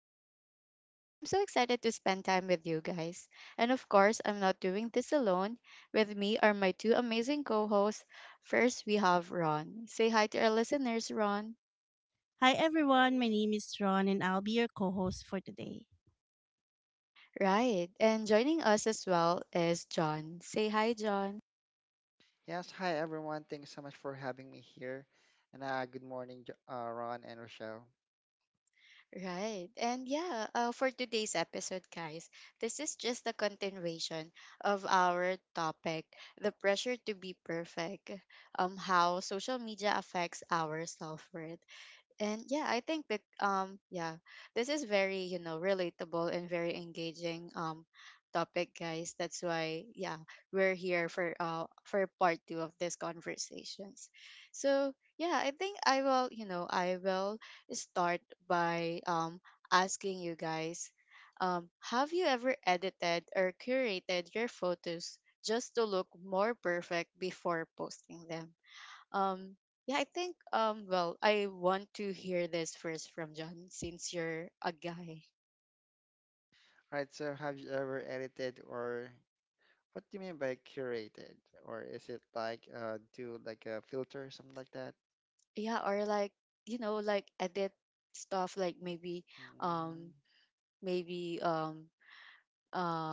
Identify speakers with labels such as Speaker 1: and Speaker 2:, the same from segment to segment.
Speaker 1: Rochelle, and I'm so excited to spend time with you guys. And of course, I'm not doing this alone. With me are my two amazing co hosts. First, we have Ron. Say hi to our listeners, Ron.
Speaker 2: Hi everyone, my name is Ron and I'll be your co host for today.
Speaker 1: Right, and joining us as well is John. Say hi, John.
Speaker 3: Yes, hi everyone. Thanks so much for having me here. And good morning, Ron and Rochelle.
Speaker 1: Right. And yeah, for today's episode, guys, this is just a continuation of our topic, the pressure to be perfect, how social media affects our self worth. And yeah, I think that this is very, you know, relatable and very engaging topic, guys. That's why yeah, we're here for part 2 of these conversations. So, yeah, I think I will start by asking you guys, have you ever edited or curated your photos just to look more perfect before posting them? Um, yeah, I think well, I want to hear this first from John since you're a guy.
Speaker 3: All right, so have you ever edited, or what do you mean by curated? Or is it like do like a filter, something like that?
Speaker 1: Yeah, or like, you know, like edit stuff like maybe
Speaker 3: Mm,
Speaker 1: um maybe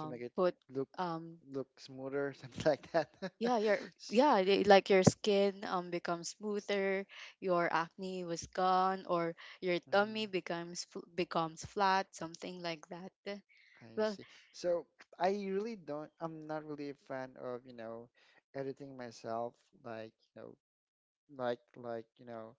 Speaker 3: to make it
Speaker 1: put
Speaker 3: look
Speaker 1: um
Speaker 3: look smoother, something like that.
Speaker 1: yeah, your
Speaker 3: S-
Speaker 1: like your skin becomes smoother, your acne was gone or your
Speaker 3: mm,
Speaker 1: tummy becomes flat, something like that.
Speaker 3: I
Speaker 1: Well.
Speaker 3: see. So I really don't, I'm not really a fan of, editing myself, like, like like you know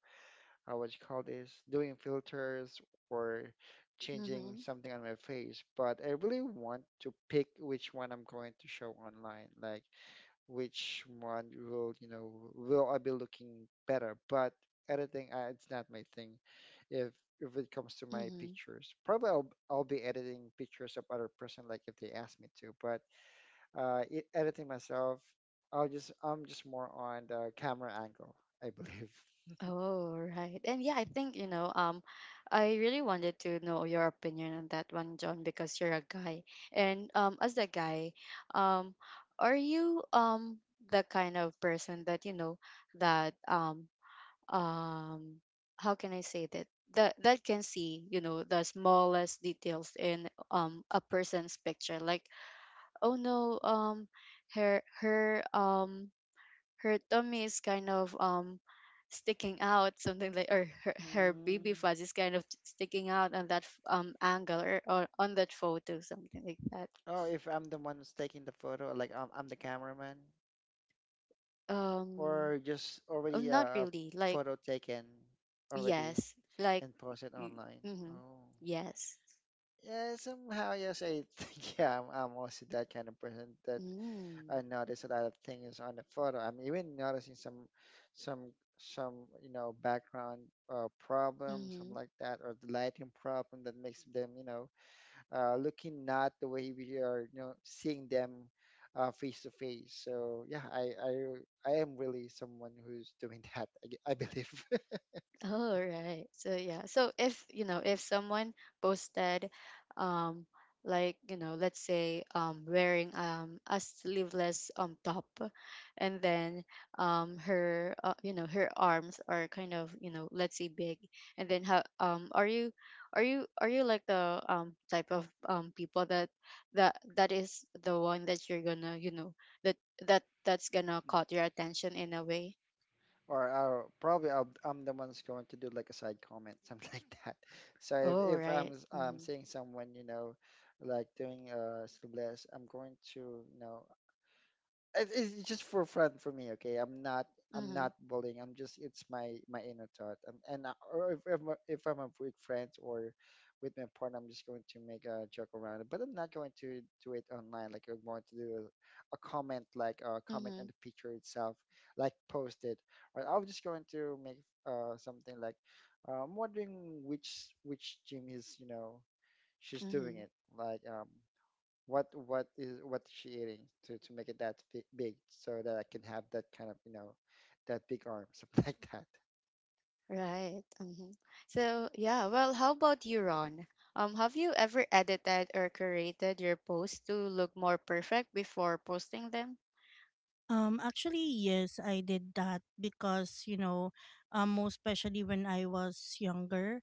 Speaker 3: what you call this, doing filters or changing something on my face. But I really want to pick which one I'm going to show online, like which one will, will I be looking better. But editing, it's not my thing. If if it comes to my
Speaker 1: Mhm.
Speaker 3: pictures, probably I'll be editing pictures of other person, like if they ask me to. But editing myself, I'm just more on the camera angle, I believe.
Speaker 1: Oh, right. And yeah, I think, you know, I really wanted to know your opinion on that one, John, because you're a guy. And as a guy, um, are you the kind of person that, you know, that um how can I say that? That can see, you know, the smallest details in a person's picture. Like, oh no, her her um her tummy is kind of sticking out, something like, or her baby fuzz is kind of sticking out on that angle, or, on that photo, something like that.
Speaker 3: Oh, if I'm the one who's taking the photo, like I'm the cameraman,
Speaker 1: um
Speaker 3: or just
Speaker 1: oh,
Speaker 3: already
Speaker 1: not
Speaker 3: a
Speaker 1: really, like.
Speaker 3: photo taken already
Speaker 1: Yes, like.
Speaker 3: and posted online.
Speaker 1: Mm-hmm,
Speaker 3: Oh,
Speaker 1: yes.
Speaker 3: yeah, somehow, yes, I think, yeah, I'm also that kind of person that
Speaker 1: Mm,
Speaker 3: I notice a lot of things on the photo. I'm even noticing some, some, some, you know, background problem,
Speaker 1: mm-hmm.
Speaker 3: something like that, or the lighting problem that makes them, looking not the way we are, you know, seeing them face to face. So yeah, I am really someone who's doing that. I believe.
Speaker 1: Oh, right. So yeah. So if you know, if someone posted, um, like, let's say, wearing a sleeveless top, and then her you know her arms are kind of, let's say, big, and then how are you like the type of people that, that is the one that you're gonna, that that's gonna
Speaker 3: Mm.
Speaker 1: caught your attention in a way.
Speaker 3: Or I'm the one's going to do like a side comment, something like that. So if
Speaker 1: Oh,
Speaker 3: if I'm
Speaker 1: right.
Speaker 3: am
Speaker 1: Mm-hmm.
Speaker 3: seeing someone, you know, like doing sleeveless, I'm going to, you know, it's just for fun for me. Okay, I'm not, i'm
Speaker 1: Mm-hmm.
Speaker 3: not bullying, I'm just, it's my inner thought. And I- or if, I'm- a- if I'm with friends or with my partner, I'm just going to make a joke around it, but I'm not going to do it online, like I'm going to do a comment, like a comment on
Speaker 1: Mm-hmm.
Speaker 3: the picture itself, like post it. Or I'm just going to make something like, I'm wondering which gym is, you know, she's
Speaker 1: Mm-hmm.
Speaker 3: doing it, like, what is she eating to make it that big, so that I can have that kind of, you know, that big arm, something like that.
Speaker 1: Right. Mm-hmm. So, yeah, well, how about you, Ron? Have you ever edited or curated your posts to look more perfect before posting them?
Speaker 2: Actually, yes, I did that because, you know, most especially when I was younger,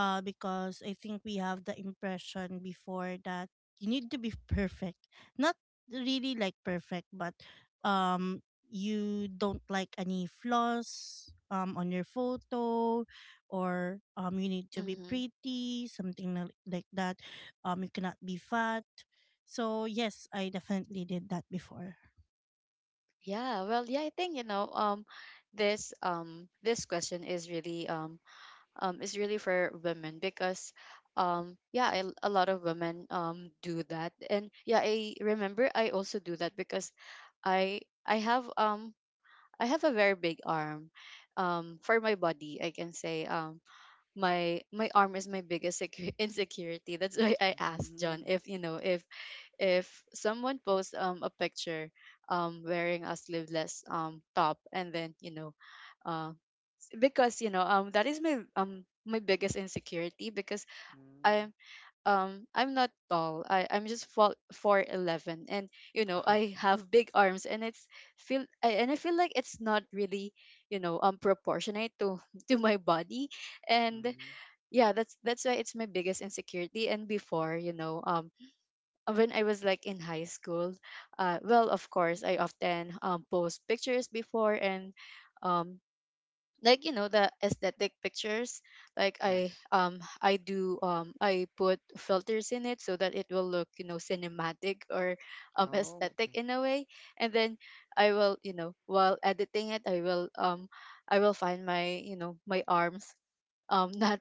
Speaker 2: because I think we have the impression before that you need to be perfect. Not really like perfect, but you don't like any flaws on your photo, or you need to be
Speaker 1: Mm-hmm.
Speaker 2: pretty, something like that. You cannot be fat. So, yes, I definitely did that before.
Speaker 1: Yeah, well, yeah, I think, you know, this question is really, is really for women because, yeah, I, a lot of women do that, and yeah, I remember I also do that because I have I have a very big arm. For my body, I can say, my arm is my biggest secu- insecurity. That's why I asked John,
Speaker 3: Mm.
Speaker 1: if you know, if someone posts a picture wearing a sleeveless top, and then, you know, uh, because, you know, that is my biggest insecurity because
Speaker 3: Mm.
Speaker 1: I I'm not tall. I'm just four four eleven, and, you know, I
Speaker 3: Okay.
Speaker 1: have big arms, and it's feel I, and I feel like it's not really, you know, proportionate to to my body, and
Speaker 3: Mm.
Speaker 1: yeah, that's why it's my biggest insecurity. And before, you know, when I was like in high school, well, of course, I often post pictures before. And. Um, like, you know, the aesthetic pictures, like, i
Speaker 3: Yes.
Speaker 1: um i do um i put filters in it so that it will look, you know, cinematic or
Speaker 3: Oh,
Speaker 1: aesthetic
Speaker 3: okay.
Speaker 1: in a way, and then I will, you know, while editing it, I will find my, you know, my arms not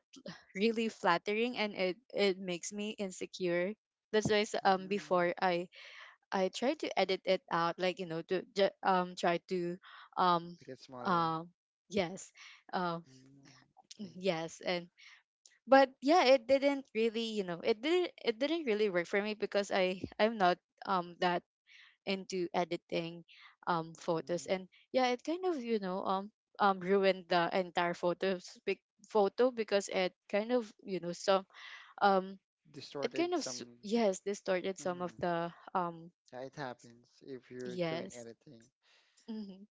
Speaker 1: really flattering, and it makes me insecure. That's why before,
Speaker 3: Mm.
Speaker 1: I try to edit it out, like, you know, to try to um
Speaker 3: Make it smaller.
Speaker 1: um. Yes. Uh,
Speaker 3: Mm. Okay.
Speaker 1: yes, and but yeah, it didn't really, you know, it didn't really work for me because I I'm not that into editing photos,
Speaker 3: Mm.
Speaker 1: and yeah, it kind of, you know, ruined the entire photo because it kind of, you know, some um it kind
Speaker 3: Distorted
Speaker 1: of
Speaker 3: some.
Speaker 1: yes, distorted some of
Speaker 3: Mm.
Speaker 1: the um.
Speaker 3: Yeah, it happens if you're doing
Speaker 1: Yes.
Speaker 3: anything.
Speaker 1: Hmm.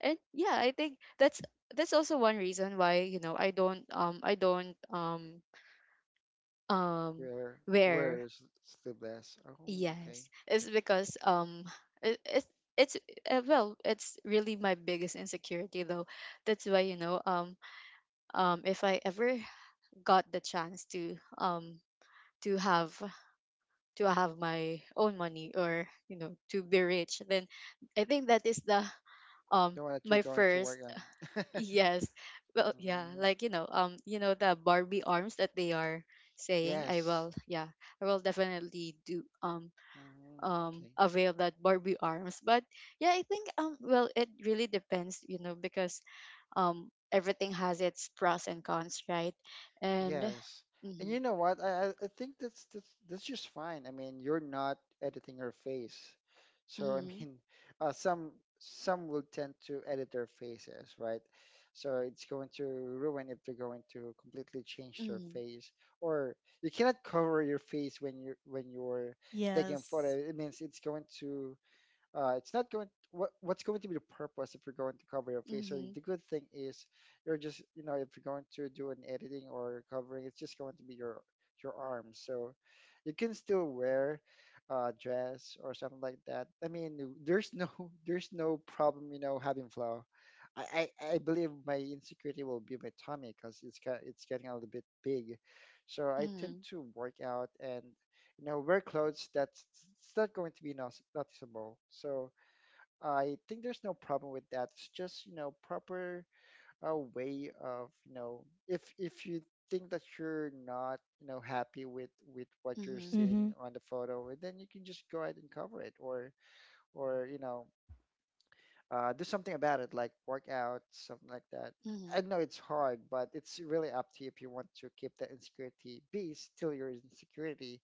Speaker 1: And yeah, I think that's also one reason why, you know, I don't um
Speaker 3: You're wear
Speaker 1: wear.
Speaker 3: sleeveless. Oh, okay.
Speaker 1: Yes, it's because it, it it's, well, it's really my biggest insecurity though. That's why, you know, if I ever got the chance to have to have my own money, or, you know, to be rich, then I think that is the
Speaker 3: Know what you're
Speaker 1: my
Speaker 3: going to
Speaker 1: first.
Speaker 3: work on.
Speaker 1: yes. Well yeah,
Speaker 3: Mm.
Speaker 1: like, you know, you know, the Barbie arms that they are saying, I
Speaker 3: Yes.
Speaker 1: will, yeah, I will definitely do
Speaker 3: Mm. Okay.
Speaker 1: aware that Barbie arms. But yeah, I think well, it really depends, you know, because everything has its pros and cons, right? And.
Speaker 3: Yes. And you
Speaker 1: Mm-hmm,
Speaker 3: know what? I think that's just fine. I mean, you're not editing her face. So I
Speaker 1: mm-hmm,
Speaker 3: mean, uh, some some will tend to edit their faces, right? So it's going to ruin if they're going to completely change their
Speaker 1: mm-hmm,
Speaker 3: face. Or you cannot cover your face when you when you're taking a photo.
Speaker 2: Yes.
Speaker 3: It means it's not going, what's going to be the purpose if you're going to cover your face. So
Speaker 1: mm-hmm,
Speaker 3: the good thing is, you're just, you know, if you're going to do an editing or covering, it's just going to be your arms. So you can still wear a dress or something like that. I mean, there's no there's no problem, you know, having flow. I believe my insecurity will be my tummy because it's kind it's getting a little bit big, so I tend
Speaker 1: mm-hmm,
Speaker 3: to work out and, you know, wear clothes that's, it's not going to be noticeable. So I think there's no problem with that, it's just, you know, proper way of, you know, if you think that you're not, you know, happy with what you're
Speaker 1: mm-hmm,
Speaker 3: seeing
Speaker 2: Mm-hmm.
Speaker 3: on the photo, then you can just go ahead and cover it, or, you know, do something about it, like work out, something like that.
Speaker 1: mm-hmm,
Speaker 3: I know it's hard, but it's really up to you if you want to keep that insecurity be still your insecurity.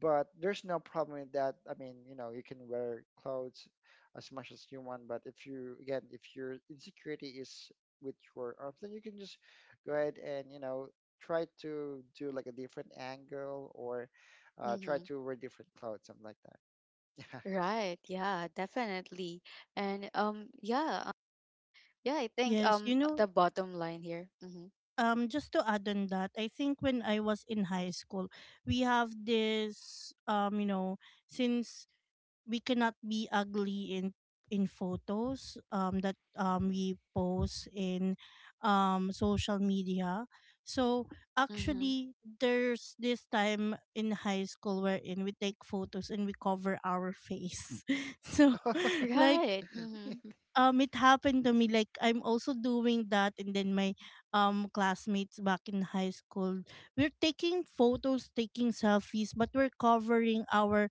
Speaker 3: But there's no problem with that. I mean, you know, you can wear clothes as much as you want, but if you, again, if your insecurity is with your arms, then you can just go ahead and, you know, try to do like a different angle, or try
Speaker 1: mm-hmm.
Speaker 3: to wear different clothes, something like that.
Speaker 1: Right, yeah, definitely. And yeah, yeah, I think
Speaker 2: Yes. You know,
Speaker 1: the bottom line here. Mm-hmm,
Speaker 2: just to add on that, I think when I was in high school, we have this, you know, since we cannot be ugly in photos, that
Speaker 3: Yeah.
Speaker 2: we post in, social media. So
Speaker 1: mm-hmm.
Speaker 2: actually, there's this time in high school wherein we take photos and we cover our face. So,
Speaker 3: Hmm.
Speaker 2: like
Speaker 1: Right. Mm-hmm.
Speaker 2: it happened to me, like I'm also doing that, and then my classmates back in high school, we're taking photos, taking selfies, but we're covering our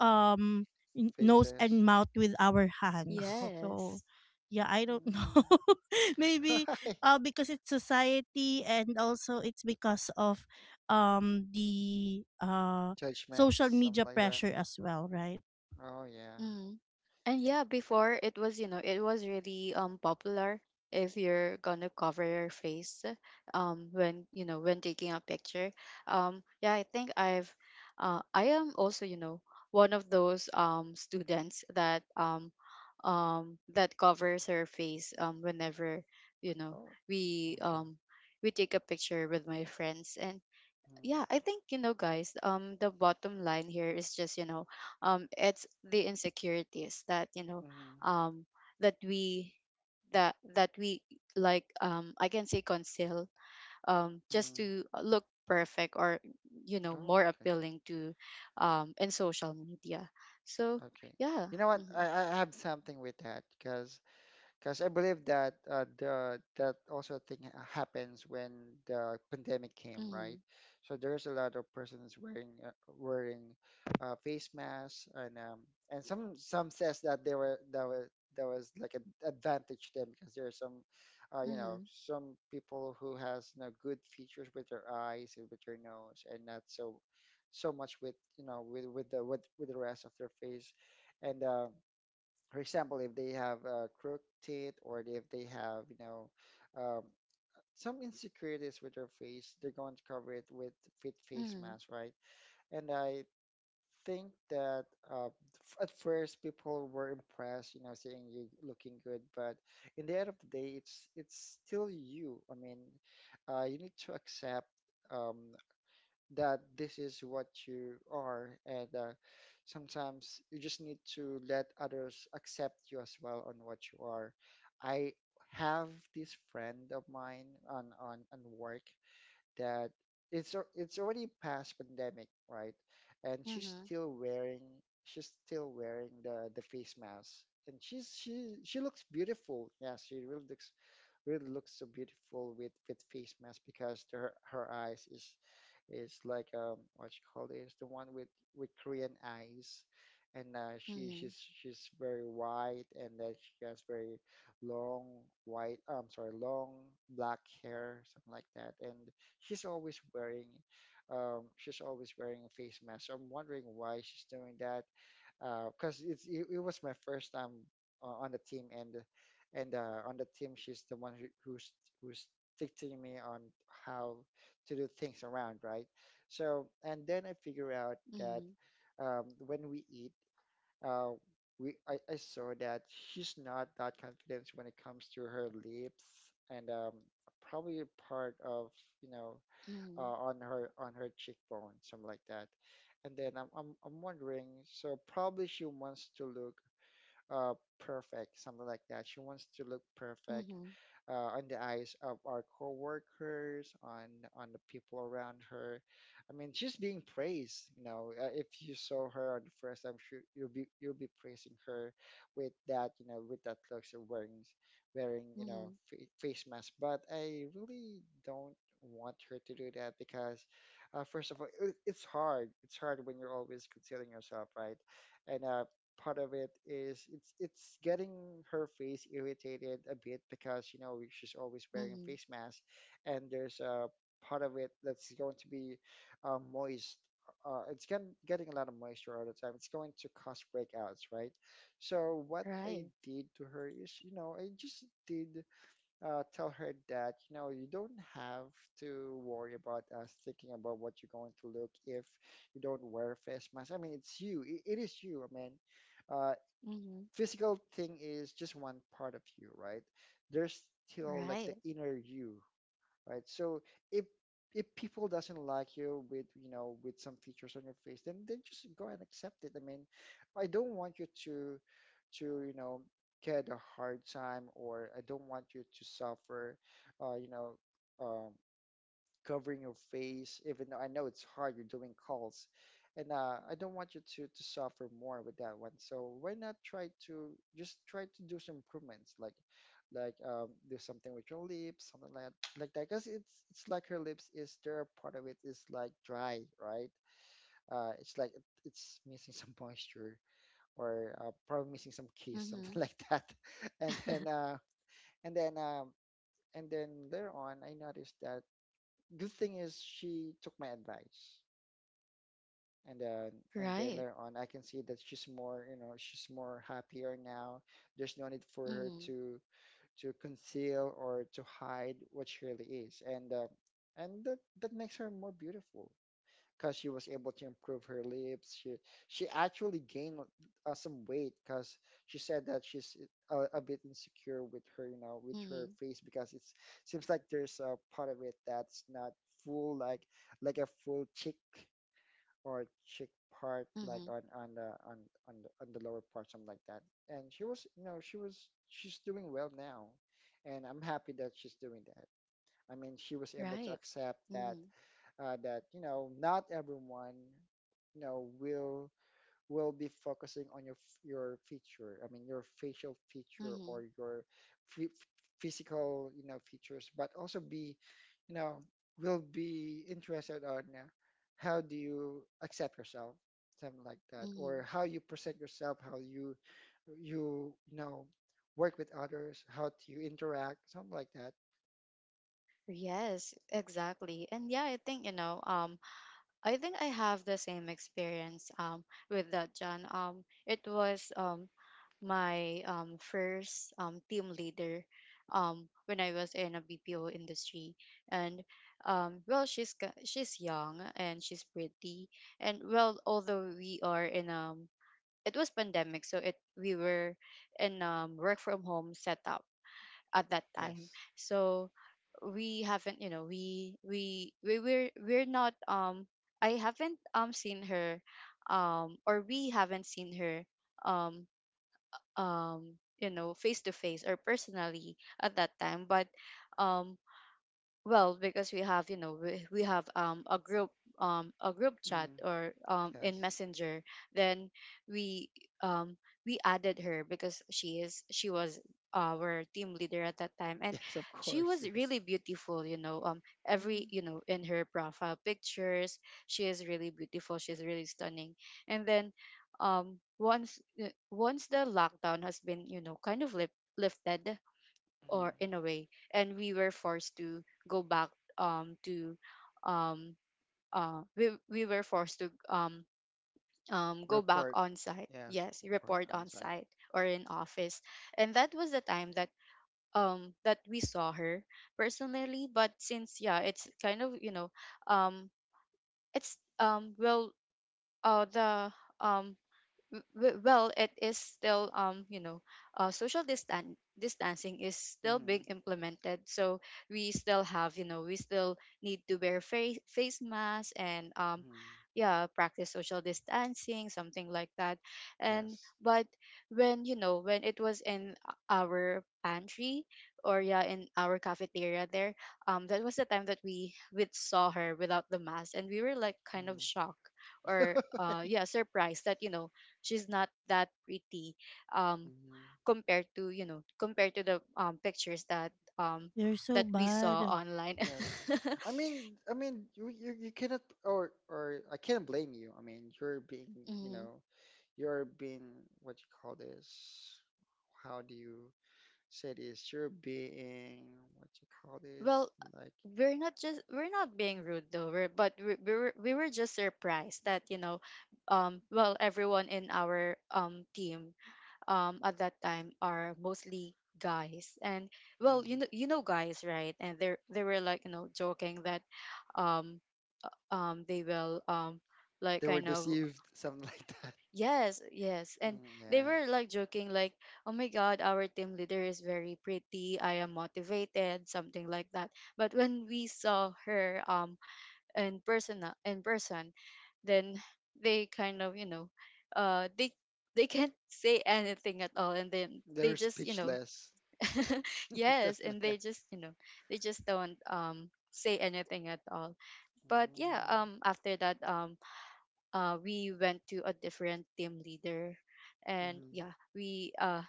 Speaker 2: um nose and
Speaker 3: Faces.
Speaker 2: mouth with our hands.
Speaker 3: Oh.
Speaker 2: So
Speaker 1: Yes.
Speaker 2: yeah, I don't know.
Speaker 3: Mm.
Speaker 2: Maybe because it's society, and also it's because of the
Speaker 3: Judgments,
Speaker 2: social
Speaker 3: something
Speaker 2: media
Speaker 3: like that.
Speaker 2: pressure as well, right?
Speaker 3: Oh, yeah.
Speaker 1: Mm-hmm. And yeah, before, it was, you know, it was really popular if you're gonna cover your face when, you know, when taking a picture. Um, yeah, I think I've, I am also, you know, one of those students that that covers her face whenever, you know,
Speaker 3: Oh,
Speaker 1: we
Speaker 3: okay.
Speaker 1: um we take a picture with my friends. And yeah, I
Speaker 3: Hmm.
Speaker 1: think, you know, guys, the bottom line here is just, you know, it's the insecurities that, you know,
Speaker 3: Mm-hmm.
Speaker 1: um that we that we, like, I can say, conceal just
Speaker 3: Mm-hmm.
Speaker 1: to look perfect or, you know,
Speaker 3: Oh,
Speaker 1: more
Speaker 3: okay.
Speaker 1: appealing to in social media. So
Speaker 3: Okay.
Speaker 1: yeah.
Speaker 3: You know what?
Speaker 1: Mm-hmm,
Speaker 3: I have something with that, because I believe that the that also thing happens when the pandemic came, right? So there's a lot of persons wearing face masks, and some says that they were that was like an advantage to them, because there are some, you know,
Speaker 1: mm-hmm,
Speaker 3: some people who has, you know, good features with their eyes and with their nose, and not so much with, you know, with the with the rest of their face, and. For example, if they have crooked teeth, or if they have, you know, um, some insecurities with their face, they're going to cover it with fit face
Speaker 1: mm-hmm,
Speaker 3: mask, right? And I think that at first people were impressed, you know, seeing you looking good, but in the end of the day, it's still you. I mean, you need to accept. Um, that this is what you are. And sometimes you just need to let others accept you as well on what you are. I have this friend of mine on work, that it's already past pandemic, right. And
Speaker 1: mm-hmm,
Speaker 3: she's still wearing the face mask, and she looks beautiful, yeah, she really looks so beautiful with face mask, because her eyes is like, what you call this, the one with Korean eyes, and
Speaker 1: mm-hmm,
Speaker 3: she's very white, and then she has very long white, I'm sorry, long black hair, something like that. And she's always wearing she's always wearing a face mask. So I'm wondering why she's doing that, because it was my first time on the team. And on the team, she's the one who's teaching me on how to do things around, right. So, and then I figure out that,
Speaker 1: mm-hmm,
Speaker 3: when we eat, uh, I saw that she's not that confident when it comes to her lips, and probably a part of, you know,
Speaker 1: mm-hmm,
Speaker 3: on her cheekbone, something like that. And then I'm wondering, so probably she wants to look uh, perfect, something like that. She wants to look perfect
Speaker 1: mm-hmm,
Speaker 3: on the eyes of our coworkers, on the people around her. I mean, she's being praised. You know, if you saw her on the first time, sure you'll be praising her with that. You know, with that looks of wearing, you
Speaker 1: mm-hmm.
Speaker 3: know, face mask. But I really don't want her to do that, because, first of all, it's hard when you're always concealing yourself, right. And part of it is, it's getting her face irritated a bit, because, you know, she's always wearing a
Speaker 1: Hmm.
Speaker 3: face mask. And there's a part of it that's going to be, moist, it's getting a lot of moisture all the time, it's going to cause breakouts, right. So what I
Speaker 1: Right.
Speaker 3: did to her is, you know, I just did tell her that, you know, you don't have to worry about us thinking about what you're going to look if you don't wear a face mask. I mean, it's you. It is you. I mean, uh,
Speaker 1: Mm-hmm.
Speaker 3: physical thing is just one part of you, right? There's still like the
Speaker 1: Right.
Speaker 3: inner you, right? So if if people doesn't like you with, you know, with some features on your face, then just go and accept it. I mean, I don't want you to you know, get a hard time, or I don't want you to suffer, you know, um, covering your face, even though I know it's hard, you're doing calls. And I don't want you to suffer more with that one. So why not try to, just try to do some improvements, like do something with your lips, something like that. Because it's like her lips is there, part of it is like dry, right? It's like it's missing some moisture or probably missing some kiss, something
Speaker 1: Mhm.
Speaker 3: like that. And then uh, and then um, and then later on, I noticed that good thing is she took my advice and then and then
Speaker 1: Right.
Speaker 3: later on I can see that she's more, she's more happier now. There's no need for her
Speaker 1: Mhm.
Speaker 3: to conceal or to hide what she really is, and that makes her more beautiful because she was able to improve her lips. She actually gained some weight because she said that she's a bit insecure with her, you know, with her
Speaker 1: Mhm.
Speaker 3: face because it seems like there's a part of it that's not full, like a full cheek or cheek part, like
Speaker 1: Mhm.
Speaker 3: on on the lower part, something like that. And she was, you know, she was she's doing well now, and I'm happy that she's doing that. I mean, she was able to
Speaker 1: Right.
Speaker 3: accept that
Speaker 1: Mhm.
Speaker 3: that you know not everyone you know will be focusing on your your feature, I mean your facial feature or
Speaker 1: Mhm.
Speaker 3: your f- physical, you know, features, but also be, you know, will be interested on how do you accept yourself, something like that, or
Speaker 1: Mhm.
Speaker 3: how you present yourself, how you you know work with others, how do you interact, something like that.
Speaker 1: Yes, exactly. And yeah, I think, you know, I think I have the same experience with that, John. Um, it was my first team leader when I was in a BPO industry, and well, she's young and she's pretty, and well, although we are in a, it was pandemic, so it we were in work from home setup at that time,
Speaker 3: Yes.
Speaker 1: so we haven't, you know, we were we're not I haven't seen her or we haven't seen her um you know, face to face, or personally at that time. But um well, because we have, you know, we have a group chat
Speaker 3: Mm,
Speaker 1: or in
Speaker 3: yes.
Speaker 1: Messenger, then we um we added her because she is, she was our team leader at that time, and
Speaker 3: Yes, of
Speaker 1: she
Speaker 3: course,
Speaker 1: was
Speaker 3: yes.
Speaker 1: really beautiful, you know, every,
Speaker 3: Mm-hmm.
Speaker 1: you know, in her profile pictures, she is really beautiful, she's really stunning. And then once, once the lockdown has been, you know, kind of lifted, or in a way, and we were forced to go back um to um we were forced to go back
Speaker 3: Report.
Speaker 1: on site.
Speaker 3: Yes,
Speaker 1: Yes,
Speaker 3: report
Speaker 1: report
Speaker 3: on
Speaker 1: on
Speaker 3: site.
Speaker 1: site. Or in office. And that was the time that that we saw her personally, but since yeah, it's kind of, you know, um it's well the um w- well, it is still, you know, social distancing is still
Speaker 3: Mm-hmm.
Speaker 1: being implemented, so we still have, you know, we still need to wear face masks, and
Speaker 3: Mm-hmm.
Speaker 1: yeah, practice social distancing, something like that. And
Speaker 3: Yes.
Speaker 1: but when, you know, when it was in our pantry, or yeah, in our cafeteria there, that was the time that we saw her without the mask, and we were like kind of
Speaker 3: Mm-hmm.
Speaker 1: shocked or, yeah, surprised that, you know, she's not that pretty um
Speaker 3: Hmm.
Speaker 1: compared to, you know, compared to the pictures that um
Speaker 2: They're so
Speaker 1: that we saw
Speaker 2: bad.
Speaker 1: online.
Speaker 3: Yes. I mean, you, you cannot or or I can't blame you. I mean, you're being, you
Speaker 1: Mhm.
Speaker 3: know, you're being what you call this. How do you say this? You're being what you call
Speaker 1: Well,
Speaker 3: this? Like
Speaker 1: we're not being rude though, we're, but we were we were just surprised that, you know, well, everyone in our team at that time are mostly guys, and well, you
Speaker 3: mm,
Speaker 1: know, you know guys, right? And they were like, you know, joking that um they will like,
Speaker 3: they were
Speaker 1: kind of.
Speaker 3: deceived, something like that.
Speaker 1: Yes, yes. And
Speaker 3: Mm,
Speaker 1: they
Speaker 3: yeah,
Speaker 1: were like joking, like, oh my God, our team leader is very pretty. I am motivated, something like that. But when we saw her in person, in person, then they kind of, you know, they they can't say anything at all, and then they
Speaker 3: they're
Speaker 1: just, you know,
Speaker 3: speechless.
Speaker 1: yes, and they just, you know, they just don't say anything at all. But yeah,
Speaker 3: Mm,
Speaker 1: after that, we went to a different team leader, and
Speaker 3: mhm,
Speaker 1: yeah,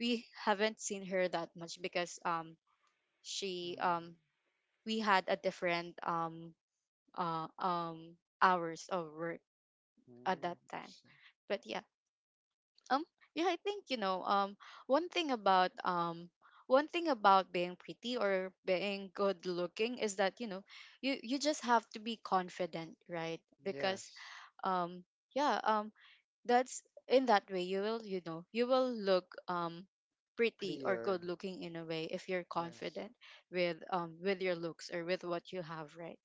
Speaker 1: we haven't seen her that much because she
Speaker 3: mm,
Speaker 1: we had a different uh, um hours of work at that
Speaker 3: mm.
Speaker 1: time.
Speaker 3: S-
Speaker 1: But yeah, um yeah, I think you know, one thing about, one thing about being pretty or being good looking is that, you know, you just have to be confident, right? Because
Speaker 3: Yes,
Speaker 1: um yeah um that's, in that way you will, you know, you will look pretty or good
Speaker 3: prayer.
Speaker 1: looking in a way if you're
Speaker 3: Yes,
Speaker 1: confident with your looks or with what you have, right?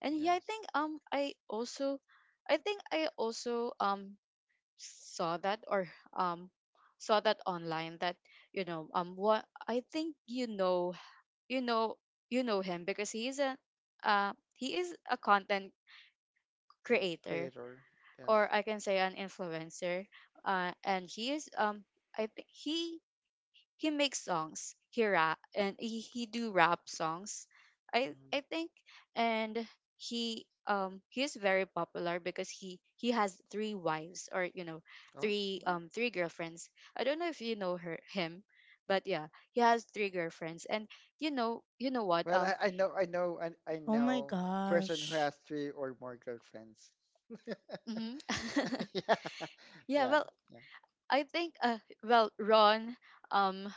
Speaker 1: And yeah, I
Speaker 3: yes,
Speaker 1: think I also I think I also saw that, or um saw that online that, you know, what I think, you know, you know him because he is a, he is a content creator,
Speaker 3: creator.
Speaker 1: or
Speaker 3: Yes.
Speaker 1: I can say an influencer. And he is, I think he makes songs. He rap and he do rap songs. I
Speaker 3: Hmm.
Speaker 1: I think. And he is very popular because he has three wives, or you know,
Speaker 3: Oh, good.
Speaker 1: three girlfriends. I don't know if you know her him, but yeah, he has three girlfriends. And you know, you know what?
Speaker 3: Well,
Speaker 1: um
Speaker 3: I know, I know, I
Speaker 2: Oh my
Speaker 3: know person who
Speaker 2: gosh.
Speaker 3: has three or more girlfriends.
Speaker 1: mhm.
Speaker 3: Yeah,
Speaker 1: Yeah,
Speaker 3: yeah,
Speaker 1: well,
Speaker 3: yeah.
Speaker 1: I think, Ron, um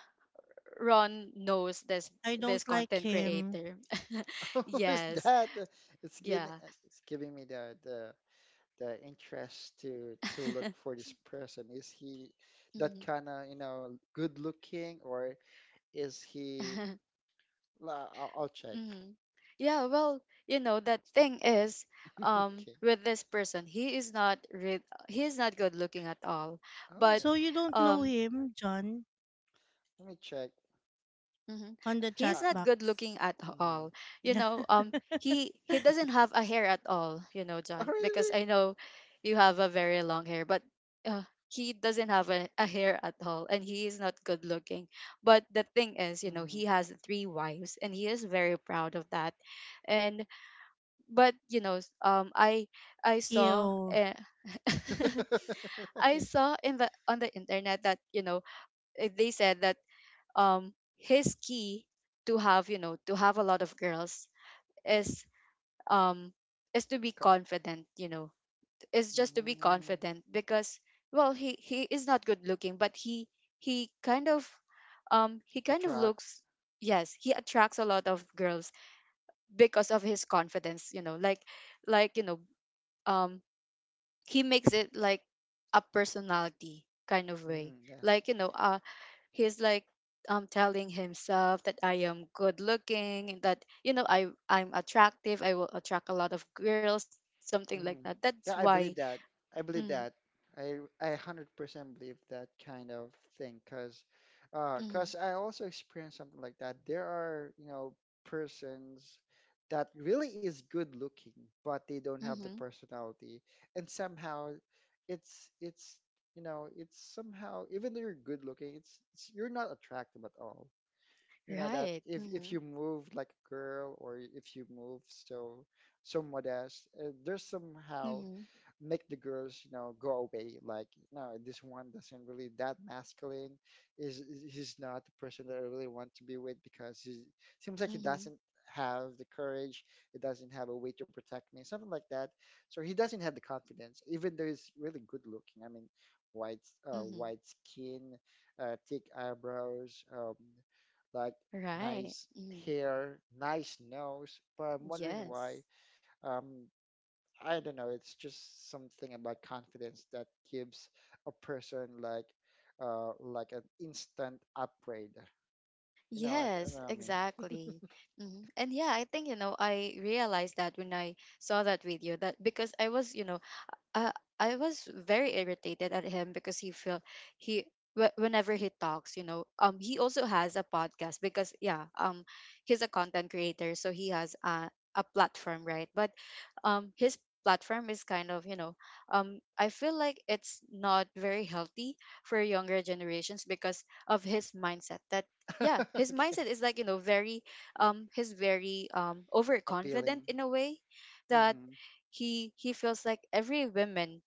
Speaker 1: Ron knows this
Speaker 2: I
Speaker 1: this
Speaker 2: don't like
Speaker 1: content
Speaker 2: him.
Speaker 1: creator.
Speaker 3: Who's
Speaker 1: Yes.
Speaker 3: that? It's giving,
Speaker 1: Yeah.
Speaker 3: it's giving me the the interest to look for this person. Is he that
Speaker 1: Mhm.
Speaker 3: kind of, you know, good looking? Or is he? I'll check.
Speaker 1: Mhm. Yeah, well, you know, the thing is,
Speaker 3: Okay.
Speaker 1: with this person, he is not good looking at all, but
Speaker 2: So
Speaker 3: Oh,
Speaker 2: you don't know
Speaker 1: um,
Speaker 2: him, John,
Speaker 3: let me check.
Speaker 1: hmm
Speaker 2: on the chat
Speaker 1: he's
Speaker 3: Uh,
Speaker 1: not good
Speaker 2: box.
Speaker 1: looking at
Speaker 3: mhm.
Speaker 1: all. You
Speaker 2: Yeah.
Speaker 1: know, he doesn't have a hair at all. You know,
Speaker 3: Oh,
Speaker 1: John, because
Speaker 3: really?
Speaker 1: I know you have a very long hair, but he doesn't have a hair at all, and he is not good looking. But the thing is, you know,
Speaker 3: Mm-hmm.
Speaker 1: he has three wives, and he is very proud of that. And but you know, I saw.
Speaker 2: Ew.
Speaker 1: I saw in the on the internet that, you know, they said that his key to have, you know, to have a lot of girls is, um is to be confident, you know, is just to be
Speaker 3: Mm,
Speaker 1: confident because well, he is not good looking, but he kind of, he kind of
Speaker 3: attract.
Speaker 1: looks, yes, he attracts a lot of girls because of his confidence, you know, like you know, um he makes it like a personality kind of way,
Speaker 3: Mm, yes.
Speaker 1: like you know, he's like, telling himself that I am good looking, and that, you know, I'm attractive, I will attract a lot of girls, something like
Speaker 3: Mhm.
Speaker 1: that,
Speaker 3: Yeah,
Speaker 1: that's
Speaker 3: I believe
Speaker 1: why
Speaker 3: that. I believe
Speaker 1: mm-hmm,
Speaker 3: that. I 100% believe that kind of thing because
Speaker 1: mm-hmm,
Speaker 3: 'cause I also experienced something like that. There are, you know, persons that really is good looking, but they don't have the
Speaker 1: mm-hmm,
Speaker 3: personality. And somehow it's you know, it's somehow even though you're good looking, it's you're not attractive at all, you know, that
Speaker 1: right,
Speaker 3: if
Speaker 1: mm-hmm,
Speaker 3: you move like a girl or if you move so so modest, there's somehow
Speaker 1: mm-hmm,
Speaker 3: make the girls, you know, go away, like no, this one doesn't really that masculine. He's not the person that I really want to be with because he seems like he
Speaker 1: mm-hmm,
Speaker 3: doesn't have the courage, he doesn't have a way to protect me, something like that. So he doesn't have the confidence even though he's really good looking, I mean white,
Speaker 1: mm-hmm,
Speaker 3: white skin, thick eyebrows, like
Speaker 1: right,
Speaker 3: nice
Speaker 1: mm-hmm,
Speaker 3: hair, nice nose, but I'm wondering why,
Speaker 1: yes,
Speaker 3: um, I don't know. It's just something about confidence that gives a person like an instant upgrade. You
Speaker 1: yes,
Speaker 3: know what I mean?
Speaker 1: exactly, mm-hmm. And yeah, I think, you know, I realized that when I saw that video, that because I was, you know, uh, I was very irritated at him because he feel he wh- whenever he talks, you know, he also has a podcast because yeah, he's a content creator, so he has a platform, right? But his platform is kind of, you know, I feel like it's not very healthy for younger generations because of his mindset that, yeah, his
Speaker 3: Okay.
Speaker 1: mindset is like, you know, very, he's very overconfident
Speaker 3: Appealing.
Speaker 1: in a way that
Speaker 3: Mm-hmm.
Speaker 1: he feels like every woman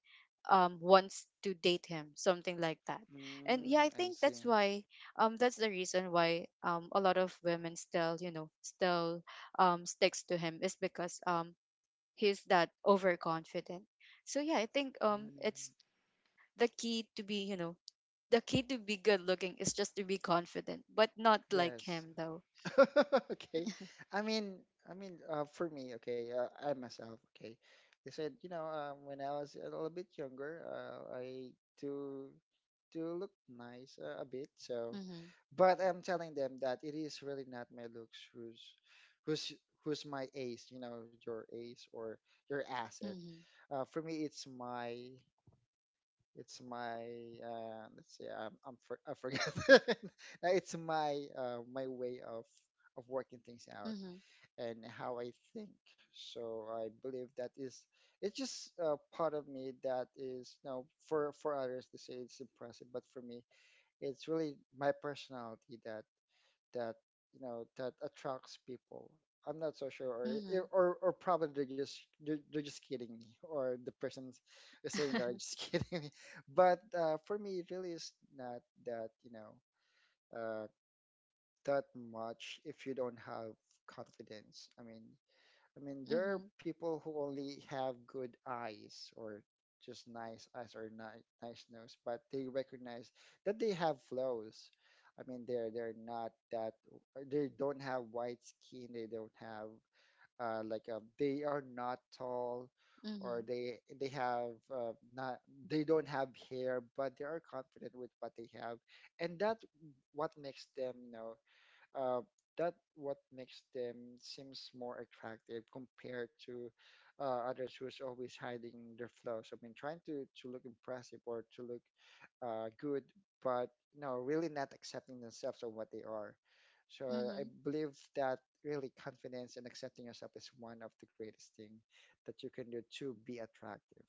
Speaker 1: wants to date him, something like that. And yeah, I
Speaker 3: Mm, I
Speaker 1: think
Speaker 3: see.
Speaker 1: that's why, that's the reason why, a lot of women still, you know, still sticks to him is because, he's that overconfident. So yeah, I think,
Speaker 3: Mm,
Speaker 1: it's the key to be, you know, the key to be good looking is just to be confident, but not like
Speaker 3: yes.
Speaker 1: him though.
Speaker 3: Okay. I mean, I mean, for me, okay, I myself, okay. They said, you know, when I was a little bit younger, I do do look nice a bit. So,
Speaker 1: Mhm,
Speaker 3: but I'm telling them that it is really not my looks who's who's who's my ace. You know, your ace or your asset.
Speaker 1: mhm,
Speaker 3: For me, it's my let's see. I forgot. It's my my way of working things out
Speaker 1: mhm,
Speaker 3: and how I think. So I believe that is it's just part of me that is you know for others to say it's impressive, but for me it's really my personality that that you know that attracts people. I'm not so sure, or
Speaker 1: mhm,
Speaker 3: or probably they're just kidding me, or the person is saying that I'm just kidding me. But for me, it really is not that you know uh, that much if you don't have confidence. I mean, there are
Speaker 1: mhm,
Speaker 3: people who only have good eyes or just nice eyes or nice nose, but they recognize that they have flaws. I mean, they're not that they don't have white skin. They don't have like they are not tall, or
Speaker 1: mhm,
Speaker 3: they have not they don't have hair, but they are confident with what they have, and that what makes them you know uh, that what makes them seems more attractive compared to others who's always hiding their flaws. I mean, trying to look impressive or to look good, but no, really not accepting themselves or what they are. So I
Speaker 1: mhm.
Speaker 3: believe that really confidence and accepting yourself is one of the greatest thing that you can do to be attractive.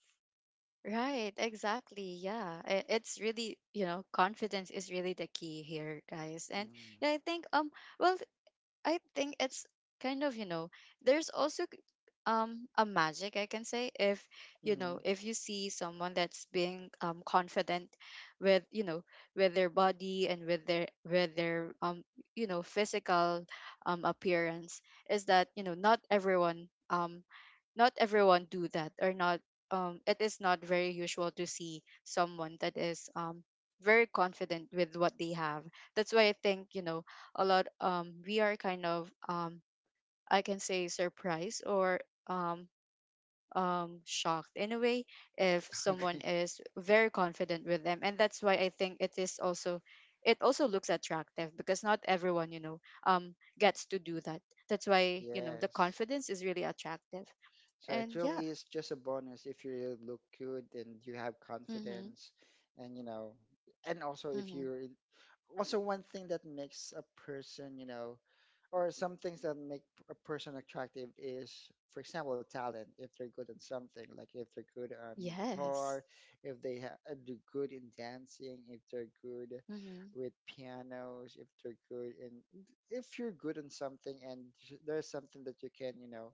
Speaker 1: Right, exactly. Yeah. It's really, you know, confidence is really the key here, guys. And
Speaker 3: Mm.
Speaker 1: yeah, I think, well I think it's kind of, you know, there's also k- a magic, I can say, if you know,
Speaker 3: Mhm.
Speaker 1: if you see someone that's being confident with, you know, with their body, and with their you know, physical, appearance is that, you know, not everyone, um not everyone do that, or not, it is not very usual to see someone that is, very confident with what they have. That's why I think, you know, a lot we are kind of, I can say surprised, or um shocked in a way if someone
Speaker 3: Okay.
Speaker 1: is very confident with them. And that's why I think it is also, it also looks attractive because not everyone, you know, gets to do that. That's why, you know, the
Speaker 3: Yes.
Speaker 1: confidence is really attractive.
Speaker 3: So it
Speaker 1: And yeah,
Speaker 3: really is just a bonus if you really look good and you have
Speaker 1: mm-hmm,
Speaker 3: confidence and you know and also if
Speaker 1: mm-hmm,
Speaker 3: you're in also one thing that makes a person, you know, or some things that make a person attractive is, for example, talent. If they're good at something, like if they're good on
Speaker 1: yes,
Speaker 3: guitar, if they ha- do good in dancing, if they're good
Speaker 1: mm-hmm,
Speaker 3: with pianos, if they're good in, if you're good in something and there's something that you can, you know,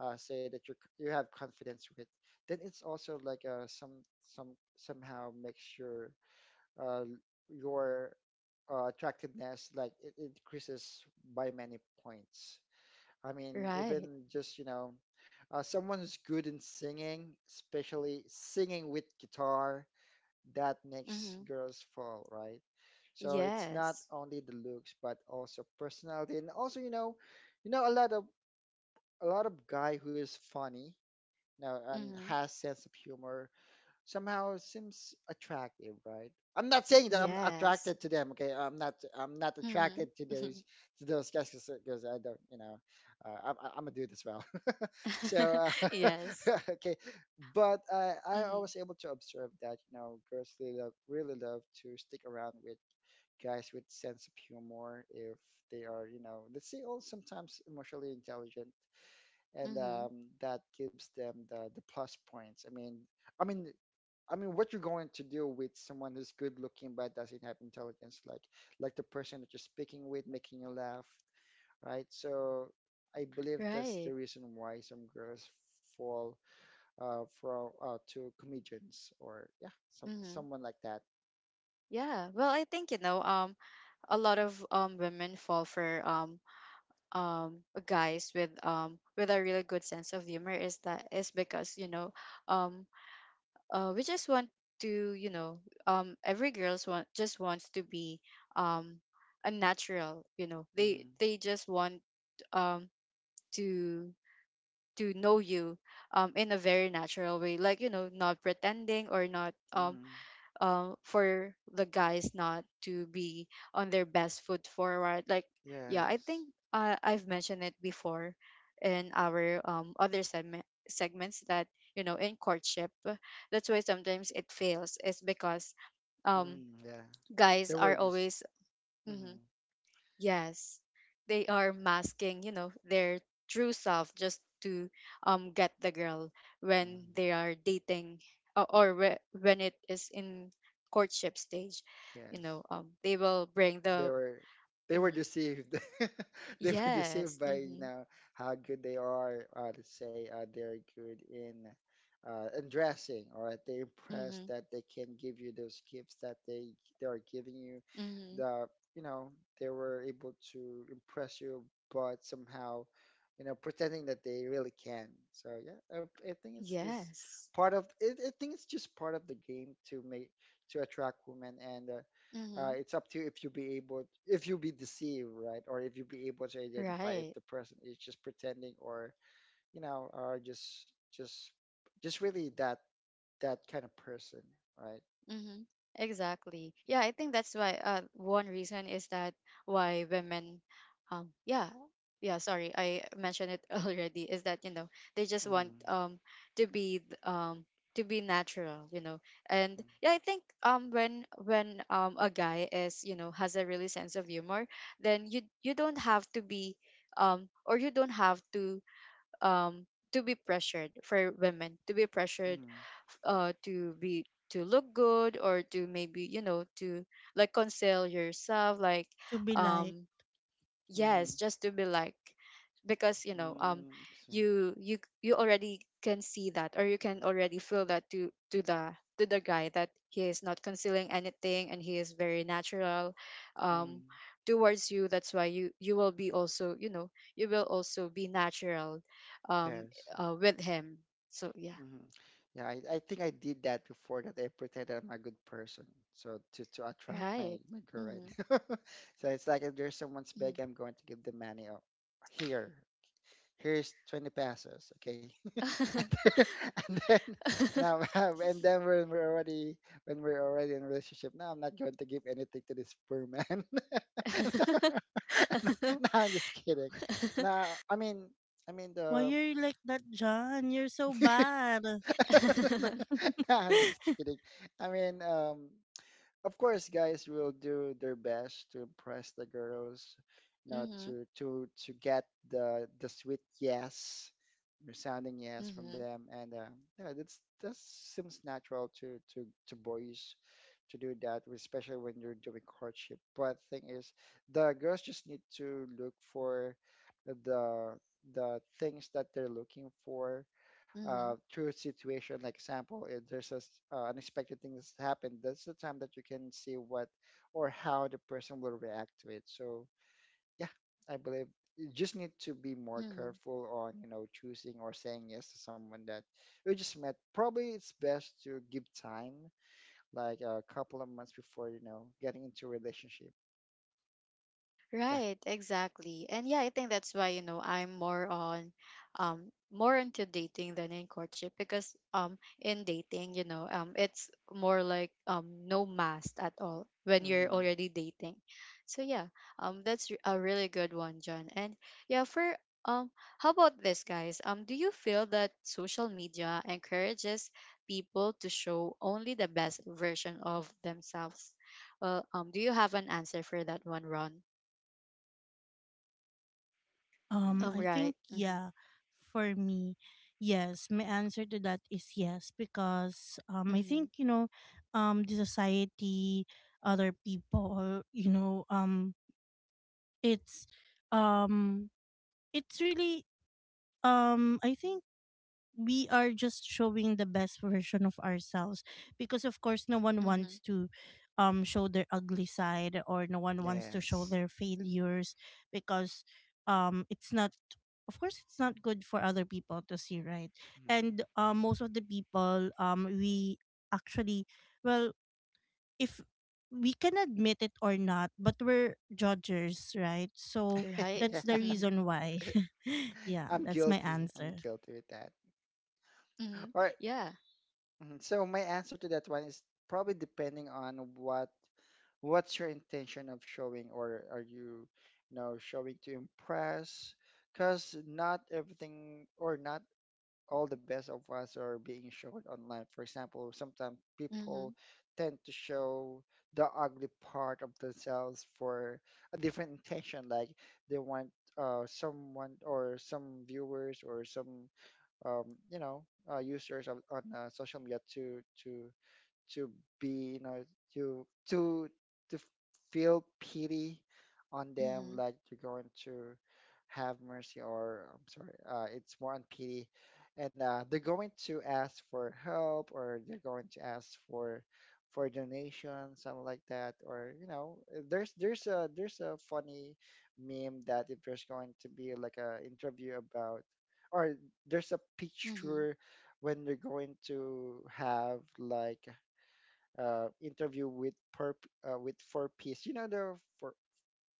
Speaker 3: say that you have confidence with, then it's also like a some somehow makes uh, your attractiveness like it increases by many points. I mean,
Speaker 1: right,
Speaker 3: even just you know, someone who's good in singing, especially singing with guitar, that makes
Speaker 1: mm-hmm,
Speaker 3: girls fall, right? So it's not
Speaker 1: yes,
Speaker 3: only the looks but also personality, and also you know a lot of guy who is funny, you know, and
Speaker 1: mm-hmm,
Speaker 3: has sense of humor somehow seems attractive, right? I'm not saying that I'm
Speaker 1: yes,
Speaker 3: attracted to them. Okay, I'm not. I'm not attracted to
Speaker 1: mm-hmm,
Speaker 3: those guys because I don't. You know, I'm a dude as well. So
Speaker 1: yes.
Speaker 3: okay, but I
Speaker 1: Mm-hmm.
Speaker 3: was able to observe that you know girls really love to stick around with guys with sense of humor if they are you know let's say all sometimes emotionally intelligent and
Speaker 1: Mm-hmm.
Speaker 3: that gives them the plus points. I mean, I mean, I mean, what you're going to do with someone who's good looking but doesn't have intelligence, like the person that you're speaking with, making you laugh, right? So I believe that's the
Speaker 1: Right.
Speaker 3: reason why some girls fall from to comedians or yeah, some
Speaker 1: Mm-hmm.
Speaker 3: someone like that.
Speaker 1: Yeah. Well, I think, you know, a lot of women fall for um guys with, with a really good sense of humor, is that is because, you know, um we just want to, you know, every girls want, just wants to be, um a natural, you know, they
Speaker 3: Hmm.
Speaker 1: they just want um to to know you, in a very natural way, like you know, not pretending, or not
Speaker 3: Hmm.
Speaker 1: for the guys not to be on their best foot forward, like yeah, I
Speaker 3: Yes.
Speaker 1: think, I've mentioned it before in our, other segments that, you know, in courtship, that's why sometimes it fails is because, um
Speaker 3: Mm, yeah.
Speaker 1: guys
Speaker 3: They were
Speaker 1: are
Speaker 3: just.
Speaker 1: always
Speaker 3: Hmm.
Speaker 1: mhm, yes, they are masking, you know, their true self just to get the girl when
Speaker 3: Hmm.
Speaker 1: they are dating, or when it is in courtship stage. You
Speaker 3: Yes.
Speaker 1: know, they will bring
Speaker 3: They
Speaker 1: the
Speaker 3: were they were
Speaker 1: hmm,
Speaker 3: deceived they were deceived
Speaker 1: yes,
Speaker 3: by you
Speaker 1: mm-hmm,
Speaker 3: know how good they are to say they're good in dressing or they impressed
Speaker 1: mm-hmm,
Speaker 3: that they can give you those gifts that they are giving you
Speaker 1: mm-hmm,
Speaker 3: the you know they were able to impress you but somehow you know pretending that they really can so yeah I think it's just
Speaker 1: yes,
Speaker 3: part of it, I think it's just part of the game to make to attract women and
Speaker 1: mm-hmm,
Speaker 3: it's up to if you be able if you be deceived right or if you be able to identify if
Speaker 1: right.
Speaker 3: the person is just pretending or you know or just just really that that kind of person right.
Speaker 1: Mm-hmm. Exactly. Yeah, I think that's why one reason is that why women um yeah, yeah, sorry, I mentioned it already, is that, you know, they just want
Speaker 3: Mm,
Speaker 1: to be th- um to be natural, you know. And
Speaker 3: mm,
Speaker 1: yeah, I think when a guy is, you know, has a really sense of humor, then you don't have to be, or you don't have to, um to be pressured, for women to be pressured
Speaker 3: mm,
Speaker 1: to be, to look good, or to maybe, you know, to like conceal yourself, like,
Speaker 2: To be like,
Speaker 1: um yes,
Speaker 3: mm,
Speaker 1: just to be like, because you know,
Speaker 3: mm, see.
Speaker 1: you, you already can see that, or you can already feel that, to the guy, that he is not concealing anything, and he is very natural um
Speaker 3: Mm,
Speaker 1: towards you. That's why you, you will be also, you know, you will also be natural, um
Speaker 3: yes.
Speaker 1: with him. So yeah,
Speaker 3: Mm, yeah I think I did that before that I pretended I'm a good person so to attract my
Speaker 1: right,
Speaker 3: my girl
Speaker 1: mm-hmm.
Speaker 3: right. So it's like if there's someone's
Speaker 1: Mm-hmm.
Speaker 3: big I'm going to give them money oh, here here's 20 pesos okay. and then and then now, and then when we're already in a relationship now I'm not going to give anything to this poor man. No I'm just kidding. No I mean I mean
Speaker 2: why
Speaker 3: the
Speaker 2: are you like that, John? You're so bad.
Speaker 3: no I'm just kidding I mean um, of course, guys will do their best to impress the girls, you know,
Speaker 1: Mm-hmm.
Speaker 3: to get the sweet yes, resounding yes from them, and yeah, that's that seems natural to boys to do that, especially when you're doing courtship. But thing is, the girls just need to look for the the things that they're looking for
Speaker 1: Hmm.
Speaker 3: through situation like example if there's a unexpected thing that's happened. That's the time that you can see what or how the person will react to it. So yeah, I believe you just need to be more
Speaker 1: Hmm.
Speaker 3: careful on, you know, choosing or saying yes to someone that you just met. Probably it's best to give time, like a couple of months before, you know, getting into a relationship. Yeah.
Speaker 1: Right, exactly. And yeah, I think that's why, you know, I'm more on, more into dating than in courtship, because in dating, you know, it's more like, no mast at all when you're
Speaker 3: Mm-hmm.
Speaker 1: already dating. So yeah, a really good one, John. And yeah, for, um how about this, guys? Do you feel that social media encourages people to show only the best version of themselves? Well, do you have an answer for that one, Ron?
Speaker 2: I
Speaker 1: Right.
Speaker 2: think
Speaker 1: Mhm.
Speaker 2: yeah, for me, yes. My answer to that is yes because I think
Speaker 1: Mhm.
Speaker 2: you know, the society, other people, you know, it's um, it's really I think we are just showing the best version of ourselves because of course no one wants
Speaker 1: Mhm.
Speaker 2: to show their ugly side, or no one wants to show
Speaker 3: Yes.
Speaker 2: their failures because it's not, of course it's not good for other people to see, right? And most of the people, we actually well if we can admit it or not, but we're judges, right? So
Speaker 1: Right.
Speaker 2: that's the
Speaker 1: Mhm.
Speaker 2: reason why. Yeah,
Speaker 3: i'm
Speaker 2: that's my
Speaker 3: guilty i'm
Speaker 2: answer.
Speaker 3: guilty with that.
Speaker 1: Mhm.
Speaker 3: All right.
Speaker 1: Yeah.
Speaker 3: Mhm. So my answer to that one is probably depending on what what's your intention of showing, or are you, you know, showing to impress? Because not everything or not all the best of us are being shown online. For example, sometimes people
Speaker 1: Mhm.
Speaker 3: tend to show the ugly part of themselves for a different intention, like they want someone or some viewers or some um, you know users on social media to to be, you know, to to to f- feel pity on them,
Speaker 1: Mhm.
Speaker 3: like you're going to have mercy. Or I'm sorry, it's more on pity. And they're going to ask for help, or they're going to ask for donation, something like that. Or you know, there's a funny meme that if there's going to be like a interview about, or there's a
Speaker 1: Mhm.
Speaker 3: picture, when they're going to have like interview with per, with four piece. You know the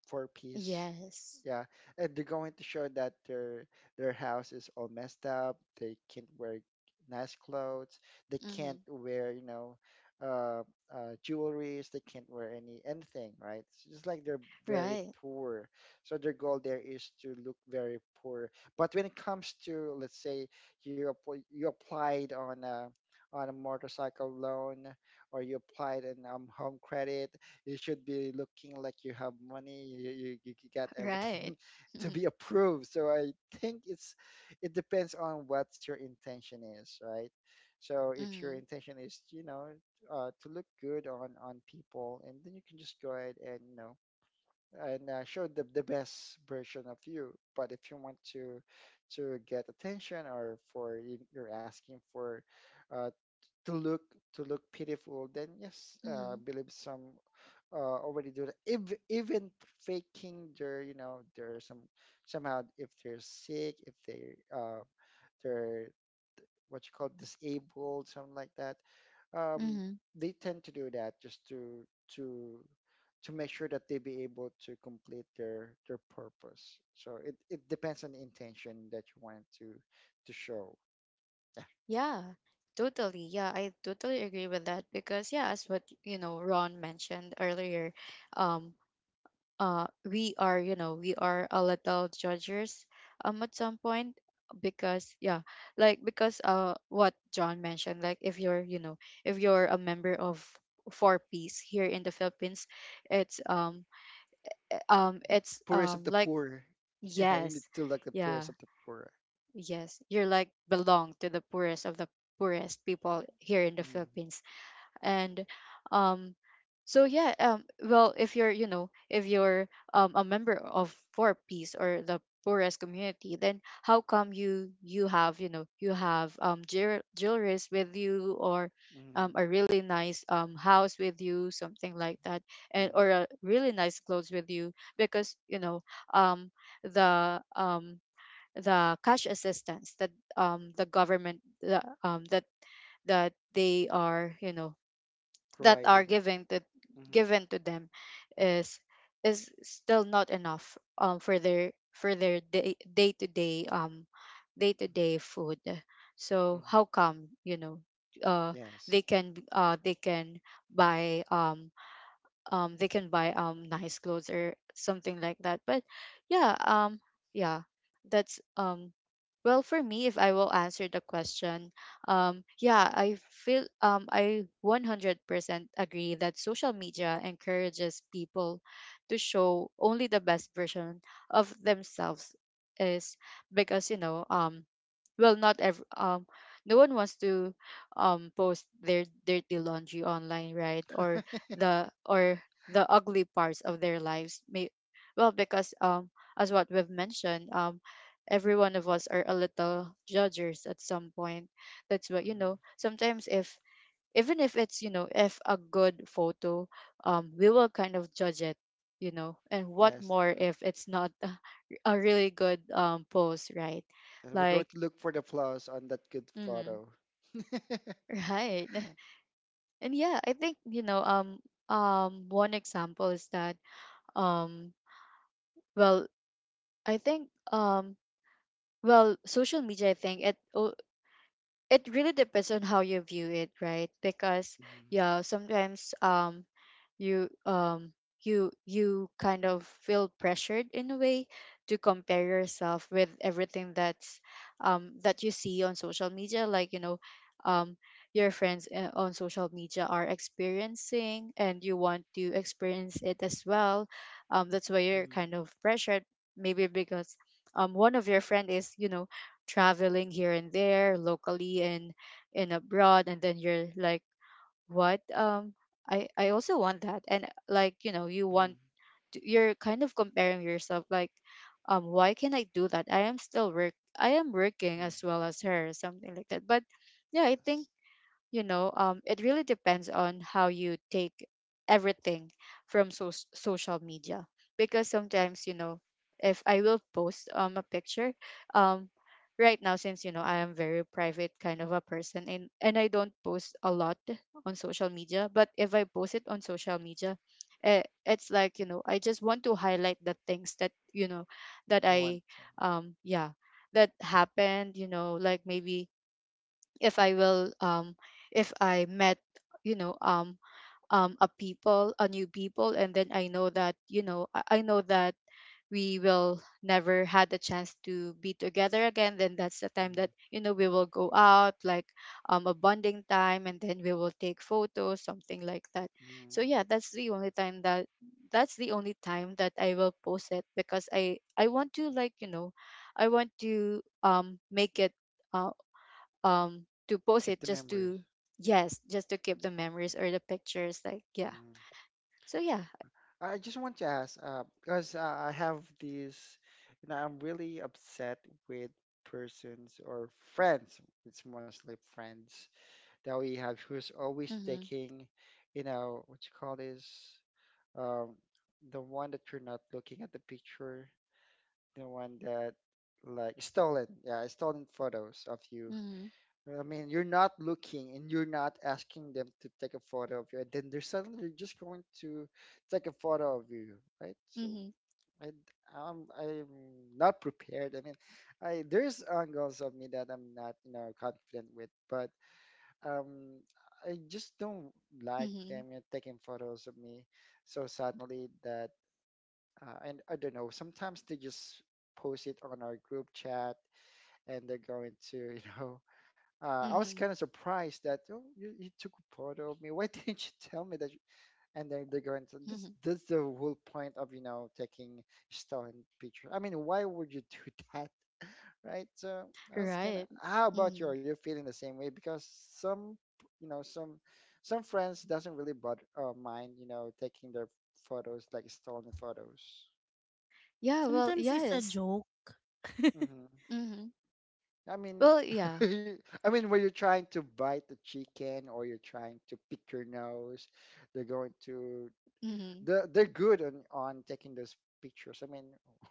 Speaker 3: four piece.
Speaker 1: Yes.
Speaker 3: Yeah, and they're going to show that their house is all messed up. They can't wear nice clothes. They can't
Speaker 1: Mhm.
Speaker 3: wear, you know, uh, jewelries. They can't wear anything, right? It's just like they're very
Speaker 1: Right.
Speaker 3: poor. So their goal there is to look very poor. But when it comes to, let's say, you applied on a motorcycle loan, or you applied in home credit. You should be looking like you have money. You got
Speaker 1: Right.
Speaker 3: everything to
Speaker 1: Mhm.
Speaker 3: be approved. So I think it's, it depends on what your intention is, right? So if your
Speaker 1: Mhm.
Speaker 3: intention is, you know, to look good on people, and then you can just go ahead and, you know, and show the best version of you. But if you want to get attention, or you're asking for, uh, to look, to look pitiful, then yes,
Speaker 1: Mhm.
Speaker 3: believe some already do that. If even faking their, you know, their some, somehow if they're sick, if they they're what you call disabled, something like that. Um,
Speaker 1: Mhm.
Speaker 3: they tend to do that just to to make sure that they be able to complete their purpose. So it depends on the intention that you want to show.
Speaker 1: Yeah. Totally. Yeah, I totally agree with that because yeah, as what Ron mentioned earlier, um we are we are a little judgers at some point, because yeah, like, because what John mentioned, like if you're you know if you're a member of four-piece here in the Philippines, it's
Speaker 3: The poorest of the
Speaker 1: like
Speaker 3: poor. Yeah, you need
Speaker 1: yes.
Speaker 3: to look the
Speaker 1: Yeah,
Speaker 3: poorest of the poor.
Speaker 1: yes, you're like belong to the poorest of the poorest people here in the
Speaker 3: Mm-hmm.
Speaker 1: Philippines. And um so yeah, well, if you're you know if you're a member of four piece or the poorest community, then how come you have, you have jewelries with you, or
Speaker 3: Mm-hmm.
Speaker 1: a really nice house with you, something like that, and
Speaker 3: Mm-hmm.
Speaker 1: or a really nice clothes with you, because um the um the cash assistance that, the government, the, that that they are, that are
Speaker 3: Providing.
Speaker 1: given to,
Speaker 3: Mm-hmm.
Speaker 1: given to them, is still not enough for their day to day food. So
Speaker 3: Mhm.
Speaker 1: how come, uh
Speaker 3: Yes.
Speaker 1: they can buy, nice clothes or something like that? But yeah, yeah that's well, for me, if I will answer the question, yeah, I feel I 100% agree that social media encourages people to show only the best version of themselves. Is because, well, not every no one wants to post their dirty laundry online, right, or the or the ugly parts of their lives, may, well, because as what we've mentioned, every one of us are a little judgers at some point. That's what,
Speaker 3: Mhm.
Speaker 1: sometimes if, even if it's, if a good photo, we will kind of judge it, and what
Speaker 3: Yes.
Speaker 1: more if it's not a really good post, right?
Speaker 3: And we're going
Speaker 1: Like
Speaker 3: to look for the flaws on that good
Speaker 1: Mm-hmm.
Speaker 3: photo.
Speaker 1: Right. And yeah, I think, one example is that, um well, I think, well, social media, I think, it really depends on how you view it, right? Because
Speaker 3: Mhm.
Speaker 1: yeah, sometimes, you um you kind of feel pressured in a way to compare yourself with everything that's, that you see on social media, like, um your friends, on social media, are experiencing, and you want to experience it as well. That's why you're
Speaker 3: Mhm.
Speaker 1: kind of pressured, maybe because, one of your friend is, traveling here and there, locally and abroad, and then you're like, what, I also want that. And like, you want
Speaker 3: Mhm.
Speaker 1: to, you're kind of comparing yourself, like, why can I do that? I am still work, I am working
Speaker 3: Mhm.
Speaker 1: as well as her, something like that. But yeah, I
Speaker 3: Yes.
Speaker 1: think, it really depends on how you take everything from social media. Because
Speaker 3: Mhm.
Speaker 1: sometimes, if I will post a picture, um, right now, since I am very private kind of a person, and I don't post a lot on social media. But if I post it on social media, it's like, I just want to highlight the things that, that
Speaker 3: You want
Speaker 1: I,
Speaker 3: to.
Speaker 1: um yeah that happened. You know, like, maybe if I will, if I met, you know um a people, a new people, and then I know that, I know that we will never had a chance to be together again, then that's the time
Speaker 3: Mhm.
Speaker 1: that, we will go out, like, a bonding time, and then we will take photos, something like that. So
Speaker 3: Mhm.
Speaker 1: yeah, that's the only time that I will post it, because I want to, like, I want to, make it, uh, to post
Speaker 3: Keep
Speaker 1: it,
Speaker 3: the
Speaker 1: just
Speaker 3: memories.
Speaker 1: to, yes, just to keep the memories or the pictures, like, yeah.
Speaker 3: Mhm.
Speaker 1: So yeah.
Speaker 3: I just want to ask, because I have these, you know, I'm really upset with persons or friends. It's mostly friends that we have who's always
Speaker 1: Mm-hmm.
Speaker 3: taking, you know, what you call this? um, the one that you're not looking at the picture, the one that like stolen, yeah, stolen photos of you.
Speaker 1: Mm-hmm.
Speaker 3: I mean, you're not looking and you're not asking them to take a photo of you, and then they're suddenly just going to take a photo of you, right? So
Speaker 1: Mm-hmm.
Speaker 3: I, I'm not prepared. I mean, I there's angles of me that I'm not, you know, confident with, but um, I just don't like
Speaker 1: Mm-hmm.
Speaker 3: them, you know, taking photos of me so suddenly that and I don't know. Sometimes they just post it on our group chat, and they're going to, you know. I was
Speaker 1: Mm-hmm,
Speaker 3: kind of surprised that, "Oh, you took a photo of me. Why didn't you tell me that? You-" And then they're going to. This,
Speaker 1: mm-hmm.
Speaker 3: that's the whole point of, you know, taking stolen pictures. I mean, why would you do that, right? So I was kind of.
Speaker 1: Right.
Speaker 3: How about you?
Speaker 1: Mm-hmm.
Speaker 3: Are you feeling the same way? Because some, you know, some friends doesn't really bother mind, you know, taking their photos like stolen photos.
Speaker 1: Yeah. Well,
Speaker 2: Sometimes it's a
Speaker 1: yes.
Speaker 2: joke.
Speaker 3: Mm-hmm.
Speaker 1: Mm-hmm.
Speaker 3: I mean,
Speaker 1: Well, yeah.
Speaker 3: I mean, when you're trying to bite the chicken or you're trying to pick your nose, they're going to,
Speaker 1: Mm-hmm.
Speaker 3: they're good on taking those pictures. I mean,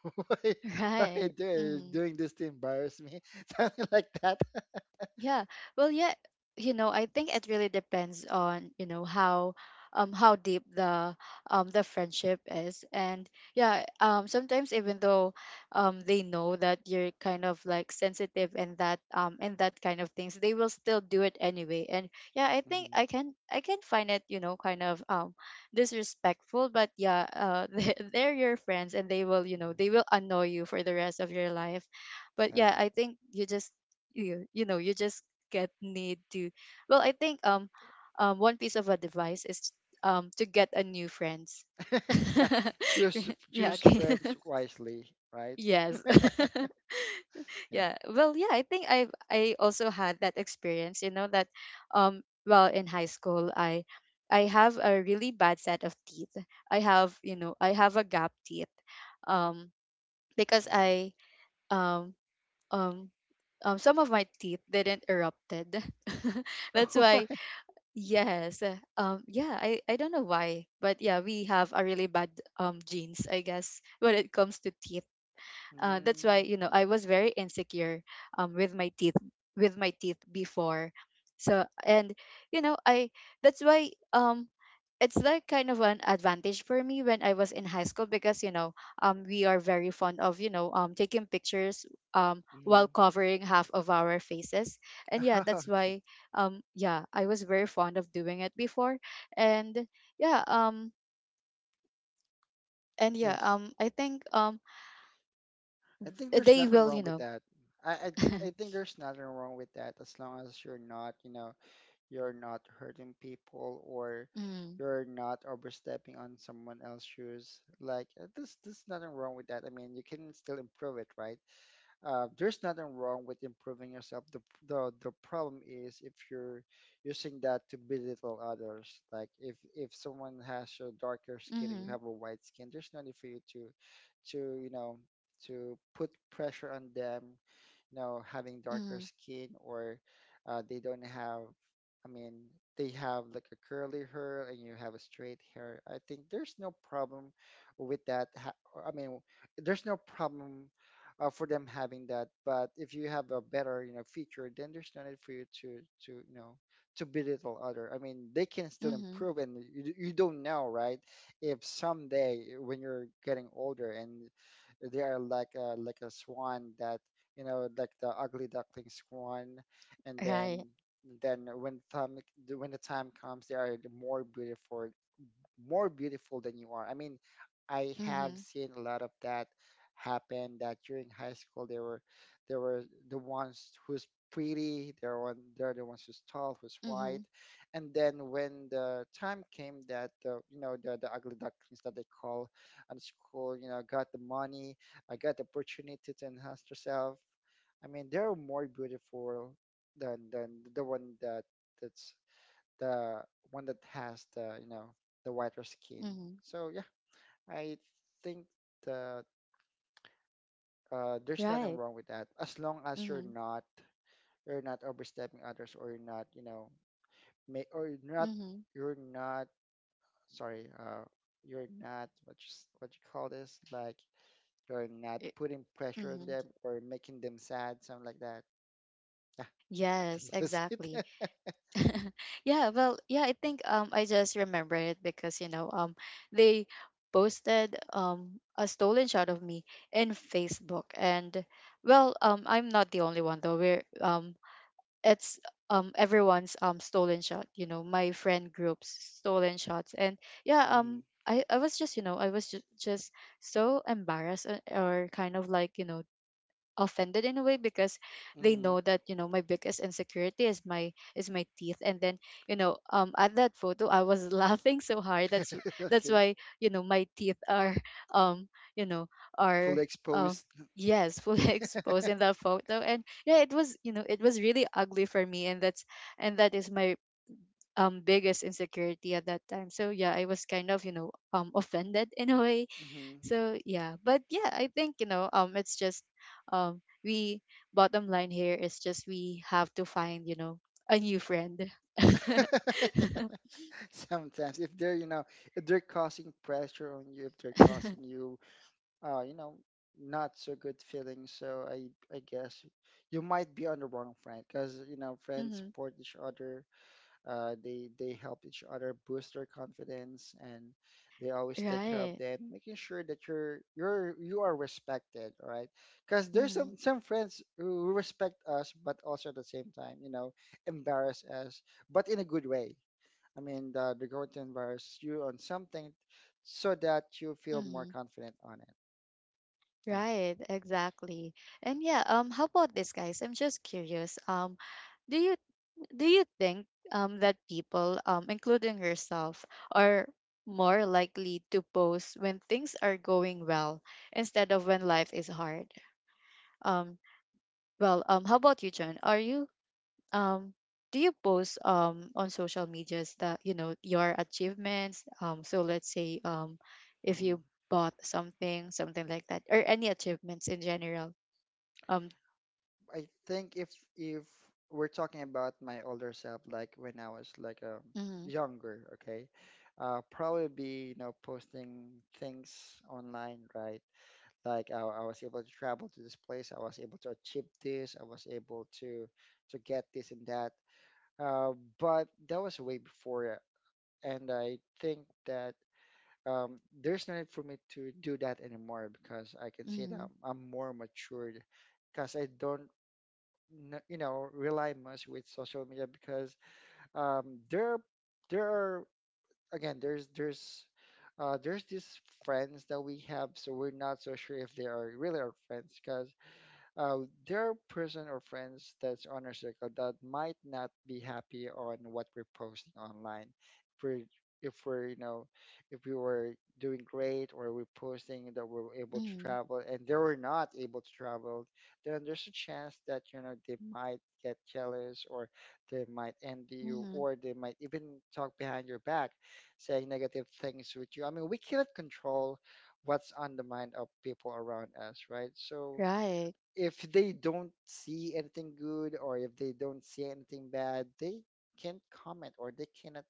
Speaker 3: why, why are you
Speaker 1: Right. Mm-hmm.
Speaker 3: doing this to embarrass me? Something like that.
Speaker 1: Yeah. Well, yeah, I think it really depends on, how, how deep the, the friendship is. And yeah, sometimes, even though they know that you're kind of like sensitive, and that, kind of things, they will still do it anyway. And yeah, I think,
Speaker 3: Hmm.
Speaker 1: I can find it, kind of disrespectful, but yeah, they're your friends and they will, they will annoy you for the rest of your life. But
Speaker 3: Yeah.
Speaker 1: yeah, I think you just, you just, get, need to, well, I think, one piece of advice is, to get a new friends.
Speaker 3: Yeah. Choose
Speaker 1: Yeah, okay.
Speaker 3: friends wisely, right?
Speaker 1: Yes.
Speaker 3: Yeah.
Speaker 1: Yeah, well, yeah, I think I also had that experience, that, well, in high school, I have a really bad set of teeth. I have a gap teeth, um because
Speaker 3: Hmm.
Speaker 1: I um um some of my teeth didn't erupted. That's
Speaker 3: Oh, why?
Speaker 1: why, yes, yeah, I don't know why, but yeah, we have a really bad genes, I guess, when it comes to teeth. That's why,
Speaker 3: Mm-hmm.
Speaker 1: I was very insecure, um, with my teeth with my teeth before. So and, I that's why, it's like kind of an advantage for me when I was in high school, because, we are very fond of, taking pictures, while covering half of our faces. And yeah, that's
Speaker 3: Okay.
Speaker 1: why, yeah, I was very fond of doing it before. And yeah, and yeah,
Speaker 3: Yes.
Speaker 1: I think,
Speaker 3: I think there's
Speaker 1: they
Speaker 3: nothing
Speaker 1: will
Speaker 3: wrong
Speaker 1: you
Speaker 3: with
Speaker 1: know.
Speaker 3: that. I, I I think there's nothing wrong with that as long as you're not, you know, you're not hurting people or
Speaker 1: Mm.
Speaker 3: you're not overstepping on someone else's shoes. Like, there's nothing wrong with that. I mean, you can still improve it, right? Uh, there's nothing wrong with improving yourself. The problem is if you're using that to belittle others. Like, if someone has a darker skin and you
Speaker 1: Mhm,
Speaker 3: have a white skin, there's no need for you to you know to put pressure on them, you know, having darker
Speaker 1: mhm,
Speaker 3: skin. Or they don't have, I mean, they have like a curly hair and you have a straight hair. I think there's no problem with that. Or, I mean, there's no problem for them having that. But if you have a better, you know, feature, then there's no need for you to, you know, to belittle other. I mean, they can still
Speaker 1: mhm.
Speaker 3: improve, and you don't know, right? If someday when you're getting older and they are like a swan that, you know, like the ugly ducklings one, and
Speaker 1: Right.
Speaker 3: then then when time when the time comes, they are more beautiful, than you are. I mean, I have
Speaker 1: Mhm,
Speaker 3: seen a lot of that happen that during high school they were the ones who's pretty, they're the ones who's tall, who's white.
Speaker 1: mhm,
Speaker 3: And then when the time came that the you know the ugly ducklings that they call on school, you know, got the money, I got the opportunity to enhance herself. I mean, they're more beautiful than the one that that's the one that has the, you know, the whiter skin.
Speaker 1: mhm.
Speaker 3: So yeah, I think that there's nothing
Speaker 1: Right.
Speaker 3: wrong with that as long as you're
Speaker 1: Mhm,
Speaker 3: not, you're not overstepping others, or you're not, you know, may or you're not,
Speaker 1: mhm.
Speaker 3: you're not sorry you're not what you, what you call this, like you're not
Speaker 1: I-
Speaker 3: putting pressure on
Speaker 1: Mhm.
Speaker 3: them or making them sad, something like that. Yeah, I
Speaker 1: Yes,
Speaker 3: think that's
Speaker 1: exactly.
Speaker 3: it.
Speaker 1: Yeah, well, yeah, I think I just remember it because, they posted a stolen shot of me in Facebook. And, well, I'm not the only one, though. We're it's everyone's stolen shot, my friend group's stolen shots. And yeah,
Speaker 3: Hmm.
Speaker 1: I was just, just so embarrassed, or kind of like, offended in a way, because they
Speaker 3: Hmm.
Speaker 1: know that, my biggest insecurity is my teeth. And then, at that photo, I was laughing so hard. That's
Speaker 3: Okay.
Speaker 1: why my teeth are um you know are,
Speaker 3: Fully
Speaker 1: um
Speaker 3: exposed.
Speaker 1: yes, fully exposed in that photo. And yeah, it was, it was really ugly for me, and that's, and that is my biggest insecurity at that time. So yeah, I was kind of, offended in a way.
Speaker 3: Hmm.
Speaker 1: So yeah, but yeah, I think, it's just, we bottom line here is, just, we have to find, a new friend.
Speaker 3: Sometimes if they're, you know, if they're causing pressure on you, if they're causing you you know not so good feelings, so I guess you might be on the wrong friend. Because you know, friends
Speaker 1: Hmm.
Speaker 3: support each other, they help each other boost their confidence, and they always take care of
Speaker 1: Right.
Speaker 3: them, making sure that you are respected. All right, because there's
Speaker 1: Mm-hmm.
Speaker 3: some, friends who respect us, but also at the same time, you know, embarrass us, but in a good way. I mean, the growth inspires you on something so that you feel more
Speaker 1: Mm-hmm.
Speaker 3: confident on it. Yeah.
Speaker 1: Right. Exactly. And yeah. How about this, guys? I'm just curious. Do you do you think that people, including yourself, are more likely to post when things are going well instead of when life is hard? Um Well, how about you, John? Are you, um, do you post on social medias, that, your achievements? So let's say, if
Speaker 3: Hmm.
Speaker 1: you bought something, something like that, or any achievements in general. Um.
Speaker 3: I think if if we're talking about my older self, like when I was like
Speaker 1: Mm-hmm,
Speaker 3: younger, okay, probably be, you know, posting things online, right? Like I was able to travel to this place, I was able to achieve this, I was able to get this and that. Uh, but that was way before, and I think that there's no need for me to do that anymore because I can say that
Speaker 1: mm-hmm,
Speaker 3: I'm more matured. Because I don't you know rely much with social media. Because um, there there are, again there's these friends that we have, so we're not so sure if they are really our friends. Because uh, there are person or friends that's on our circle that might not be happy on what we're posting online. If we're, if we're, you know, if we were doing great, or we're posting that we're able to
Speaker 1: mm-hmm,
Speaker 3: travel and they were not able to travel, then there's a chance that, you know, they might get jealous, or they might envy you,
Speaker 1: mm-hmm,
Speaker 3: or they might even talk behind your back, saying negative things with you. I mean, we cannot control what's on the mind of people around us, right? So
Speaker 1: right.
Speaker 3: if they don't see anything good or if they don't see anything bad, they can't comment or they cannot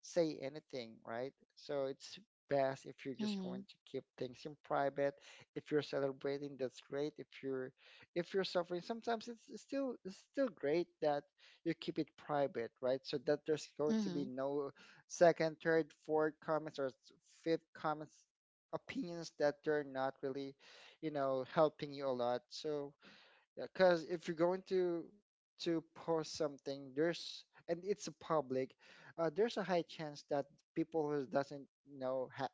Speaker 3: say anything, right? So it's best if you're just
Speaker 1: Mm-hmm,
Speaker 3: going to keep things in private. If you're celebrating, that's great. If you're suffering, sometimes it's still great that you keep it private, right? So that there's going to be
Speaker 1: mm-hmm,
Speaker 3: no second, third, fourth comments or fifth comments opinions that they're not really helping you a lot. So yeah, because if you're going to post something, there's and it's a public, there's a high chance that people who doesn't know ha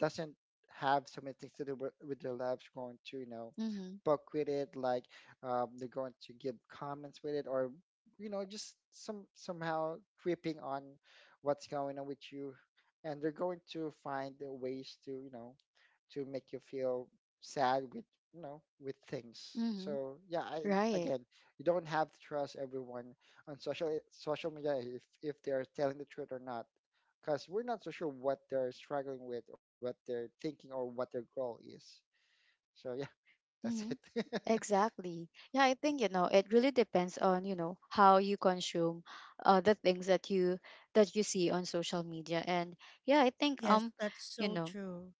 Speaker 3: doesn't have so many things to do with their lives going to
Speaker 1: mm-hmm,
Speaker 3: book with it. Like, they're going to give comments with it, or just some somehow tripping on what's going on with you, and they're going to find the ways to to make you feel sad with with things.
Speaker 1: mm-hmm,
Speaker 3: So yeah, I
Speaker 1: right.
Speaker 3: again, you don't have to trust everyone on social media, if they're telling the truth or not, because we're not so sure what they're struggling with or what they're thinking or what their goal is. So yeah, that's
Speaker 1: Mm-hmm.
Speaker 3: it.
Speaker 1: Exactly. Yeah, I think, it really depends on, how you consume the things that you, see on social media. And yeah, I think,
Speaker 2: Yes, that's
Speaker 1: you
Speaker 2: so
Speaker 1: know,
Speaker 2: true.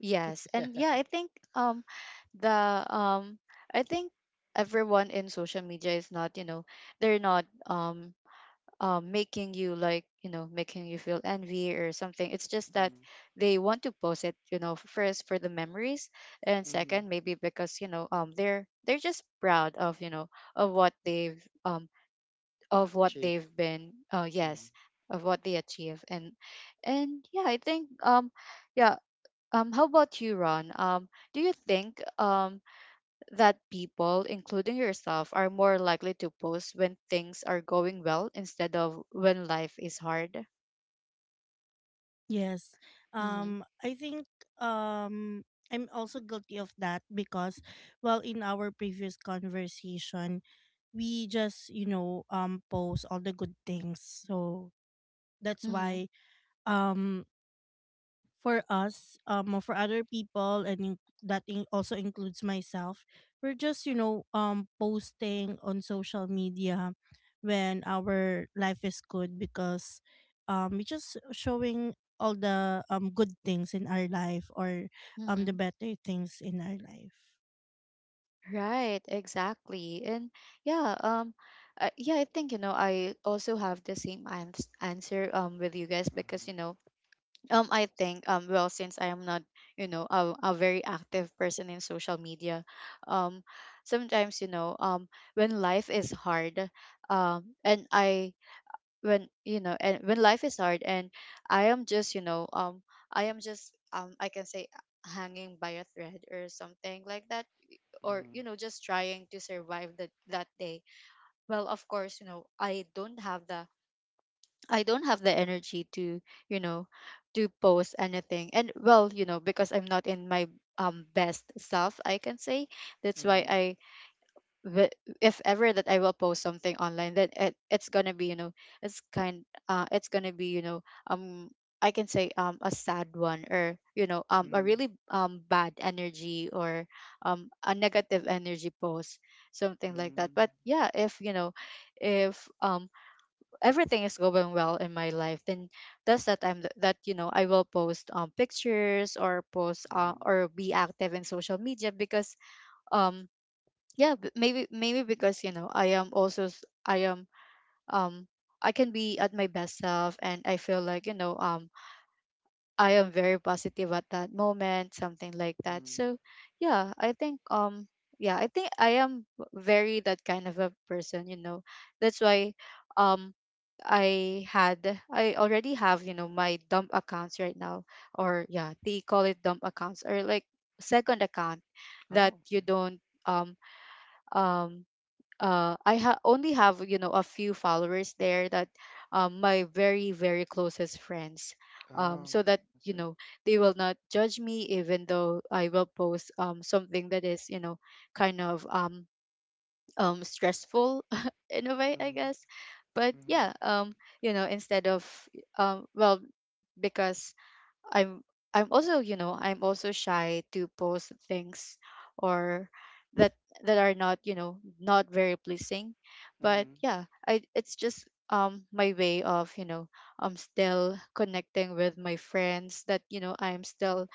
Speaker 1: yes.
Speaker 3: Yeah.
Speaker 1: And yeah, I think, the I think everyone in social media is not, they're not, making you, like, making you feel envy or something. It's just that
Speaker 3: Mm-hmm.
Speaker 1: they want to post it, first for the memories, and
Speaker 3: Mm-hmm.
Speaker 1: second maybe because, they're just proud of, of what they've um of what
Speaker 3: Achieve.
Speaker 1: they've been
Speaker 3: Mm-hmm.
Speaker 1: yes, of what they achieve. And, yeah, I think, yeah, how about you, Ron? Do you think that people, including yourself, are more likely to post when things are going well instead of when life is hard?
Speaker 2: Yes.
Speaker 1: Hmm.
Speaker 2: Um, I think I'm also guilty of that because, well, in our previous conversation, we just, you know, post all the good things. So that's
Speaker 1: Hmm.
Speaker 2: why um for us, or for other people, and also includes myself, we're just, you know, posting on social media when our life is good because we're just showing all the good things in our life, or the
Speaker 1: Hmm.
Speaker 2: better things in our life.
Speaker 1: Right, exactly. And yeah, yeah, I think, I also have the same answer with you guys because, I think, well, since I am not, a very active person in social media, um, sometimes, when life is hard, and I when you know and when life is hard, and I am just, I can say, hanging by a thread or something like that, or,
Speaker 3: Mm-hmm.
Speaker 1: just trying to survive that, that day. Well, of course, I don't have the, energy to, you know to post anything. And well, because I'm not in my best self, I can say. That's why,
Speaker 3: Mm-hmm.
Speaker 1: the- if ever that I will post something online, then it's gonna be, it's gonna be, um I can say, a sad one, or, a
Speaker 3: Mm-hmm.
Speaker 1: really bad energy, or a negative energy post, something like
Speaker 3: Mm-hmm.
Speaker 1: that. But yeah, if you know if everything is going well in my life, then that's the time that I will post pictures or post
Speaker 3: Mm-hmm.
Speaker 1: or be active in social media because um yeah, maybe because you know I am also I am um I can be at my best self and I feel like you know I am very positive at that moment, something like that.
Speaker 3: Mm-hmm.
Speaker 1: So yeah, I think yeah, I think I am very that kind of a person, you know. That's why um I had I already have you know my dump accounts right now. Or yeah, they call it dump accounts, or like second account that
Speaker 3: Oh.
Speaker 1: you
Speaker 3: Okay.
Speaker 1: don't um um I only have you know a few followers there, that my very very closest friends,
Speaker 3: Oh,
Speaker 1: so that
Speaker 3: I
Speaker 1: you
Speaker 3: see.
Speaker 1: know they will not judge me even though I will post something that is you know kind of stressful in a way, I
Speaker 3: Mm-hmm.
Speaker 1: guess. But
Speaker 3: Mm-hmm.
Speaker 1: yeah, instead of um well because I'm I'm also, you know, I'm also shy to post things, or that that are not, you know, not very pleasing. But
Speaker 3: Mm-hmm.
Speaker 1: yeah, I it's just my way of, you know, I'm still connecting with my friends, that, you know, I'm still,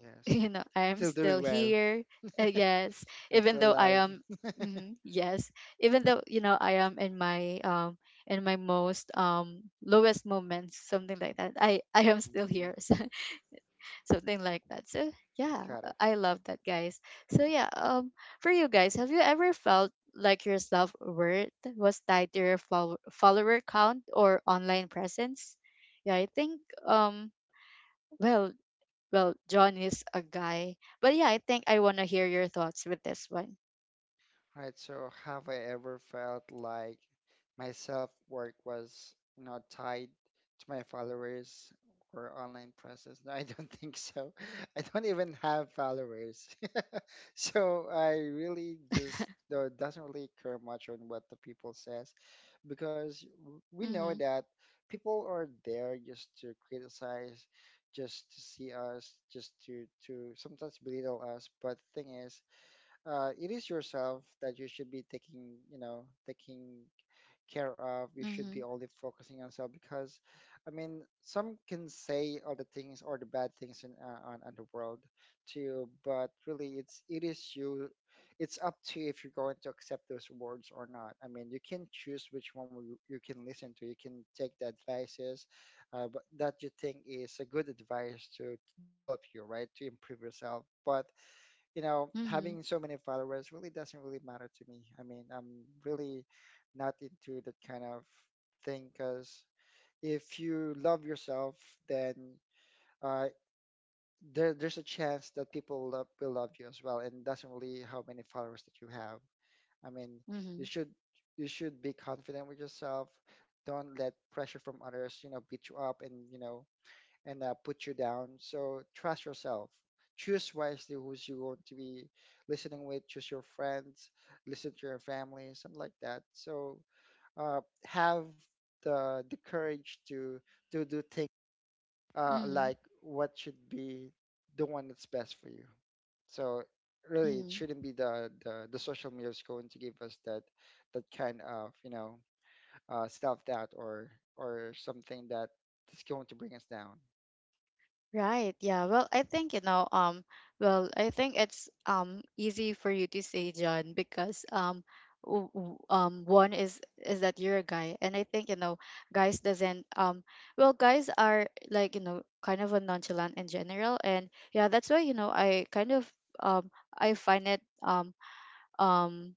Speaker 1: you know, I'm
Speaker 3: Still
Speaker 1: still
Speaker 3: doing well.
Speaker 1: here. Yes,
Speaker 3: I'm
Speaker 1: even
Speaker 3: still
Speaker 1: though I
Speaker 3: alive.
Speaker 1: am mhm, yes, even though, you know, I am in my most lowest moments, something like that. I am still here.
Speaker 3: Mhm.
Speaker 1: Something like that. So yeah,
Speaker 3: Got it.
Speaker 1: I love that, guys. So yeah, for you guys, have you ever felt like your self worth was tied to your follower count or online presence? Yeah, I think um, well, well, John is a guy, but yeah, I think I wanna hear your thoughts with this one.
Speaker 3: Right. So, have I ever felt like my self-work was, you know, tied to my followers or online presence? No, I don't think so. I don't even have followers. So I really just doesn't really care much on what the people says, because we know
Speaker 1: Mm-hmm.
Speaker 3: that people are there just to criticize, just to see us, just to sometimes belittle us. But the thing is, it is yourself that you should be taking, you know, taking care of. You should
Speaker 1: Mm-hmm.
Speaker 3: be only focusing on yourself. Because, I mean, some can say all the things or the bad things in on the world to you, but really, it's it is you. It's up to you if you're going to accept those words or not. I mean, you can choose which one you, you can listen to. You can take the advices, but that you think is a good advice to develop you, right? To improve yourself. But you know,
Speaker 1: Mm-hmm.
Speaker 3: having so many followers really doesn't really matter to me. I mean, I'm really not into that kind of thing. Because if you love yourself, then uh, there, there's a chance that people will love you as well, and it doesn't really how many followers that you have. I mean,
Speaker 1: Mm-hmm.
Speaker 3: you should you should be confident with yourself. Don't let pressure from others, you know, beat you up and you know and put you down. So trust yourself. Choose wisely who's you want to be listening with. Choose your friends. Listen to your family, something like that. So have the courage to do things,
Speaker 1: Mm-hmm.
Speaker 3: like what should be the one that's best for you. So really, it
Speaker 1: Mm-hmm.
Speaker 3: shouldn't be the social media is going to give us that that kind of self doubt or something that is going to bring us down.
Speaker 1: Right. Yeah. Well, I think, you know, I think it's easy for you to say, John, because one is that you're a guy, and I think, you know, guys doesn't guys are like, you know, kind of a nonchalant in general. And yeah, that's why, you know, I kind of um I find it um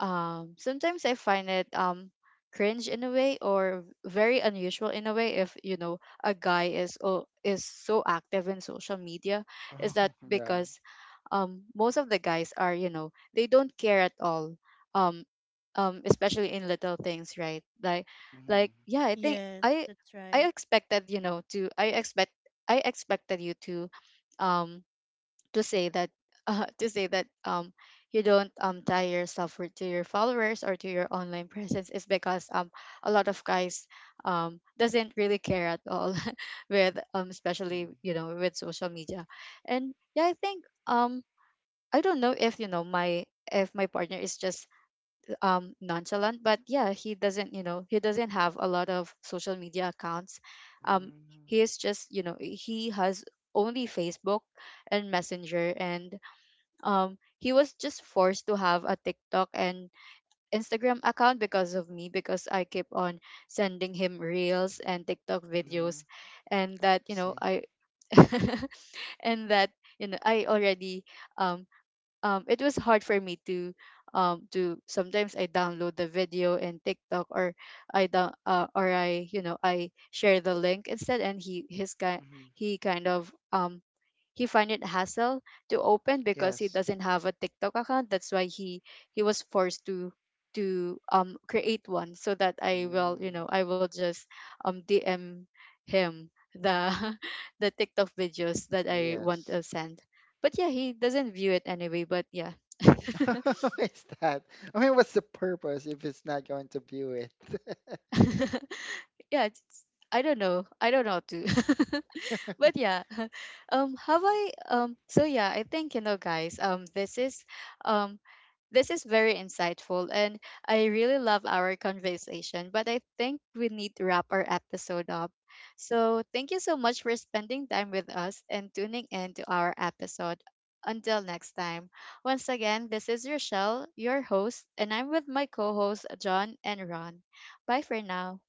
Speaker 1: sometimes I find it cringe in a way, or very unusual in a way, if you know a guy is so active in social media. Is that
Speaker 3: Oh, yeah.
Speaker 1: because most of the guys are you know they don't care at all, um especially in little things, right? like
Speaker 3: Mhm.
Speaker 1: like yeah, I think
Speaker 2: Yes, that's
Speaker 1: I
Speaker 2: right.
Speaker 1: expected you know to I expect I expected you um to say that to say that you don't tie yourself to your followers or to your online presence, is because a lot of guys doesn't really care at all with especially
Speaker 3: Mhm.
Speaker 1: you know with social media. And yeah, I think I don't know if you know my if my partner is just nonchalant, but yeah, he doesn't you know he doesn't have a lot of social media accounts. um
Speaker 3: Mhm.
Speaker 1: he is just you know he has only Facebook and Messenger, and he was just forced to have a TikTok and Instagram account because of me, because I keep on sending him reels and TikTok
Speaker 3: Mhm.
Speaker 1: videos. And that you know
Speaker 3: See.
Speaker 1: I and that you know I already um it was hard for me to sometimes I download the video in TikTok, or I down or I you know I share the link instead. And
Speaker 3: Mhm.
Speaker 1: he kind of he find it hassle to open, because he
Speaker 3: Yes.
Speaker 1: doesn't have a TikTok account. That's why he was forced to create one, so that I will you
Speaker 3: Mm.
Speaker 1: know I will just DM him the the TikTok videos that I want
Speaker 3: Yes.
Speaker 1: to send. But yeah, he doesn't view it anyway. But yeah,
Speaker 3: What is that? I mean, what's the purpose if it's not going to view it?
Speaker 1: yeah, it's, I don't know. I don't know too. But yeah, have I so yeah, I think you know guys um this is very insightful, and I really love our conversation, but I think we need to wrap our episode up. So thank you so much for spending time with us and tuning in to our episode. Until next time, once again, this is Rochelle, your host, and I'm with my co-hosts, John and Ron. Bye for now.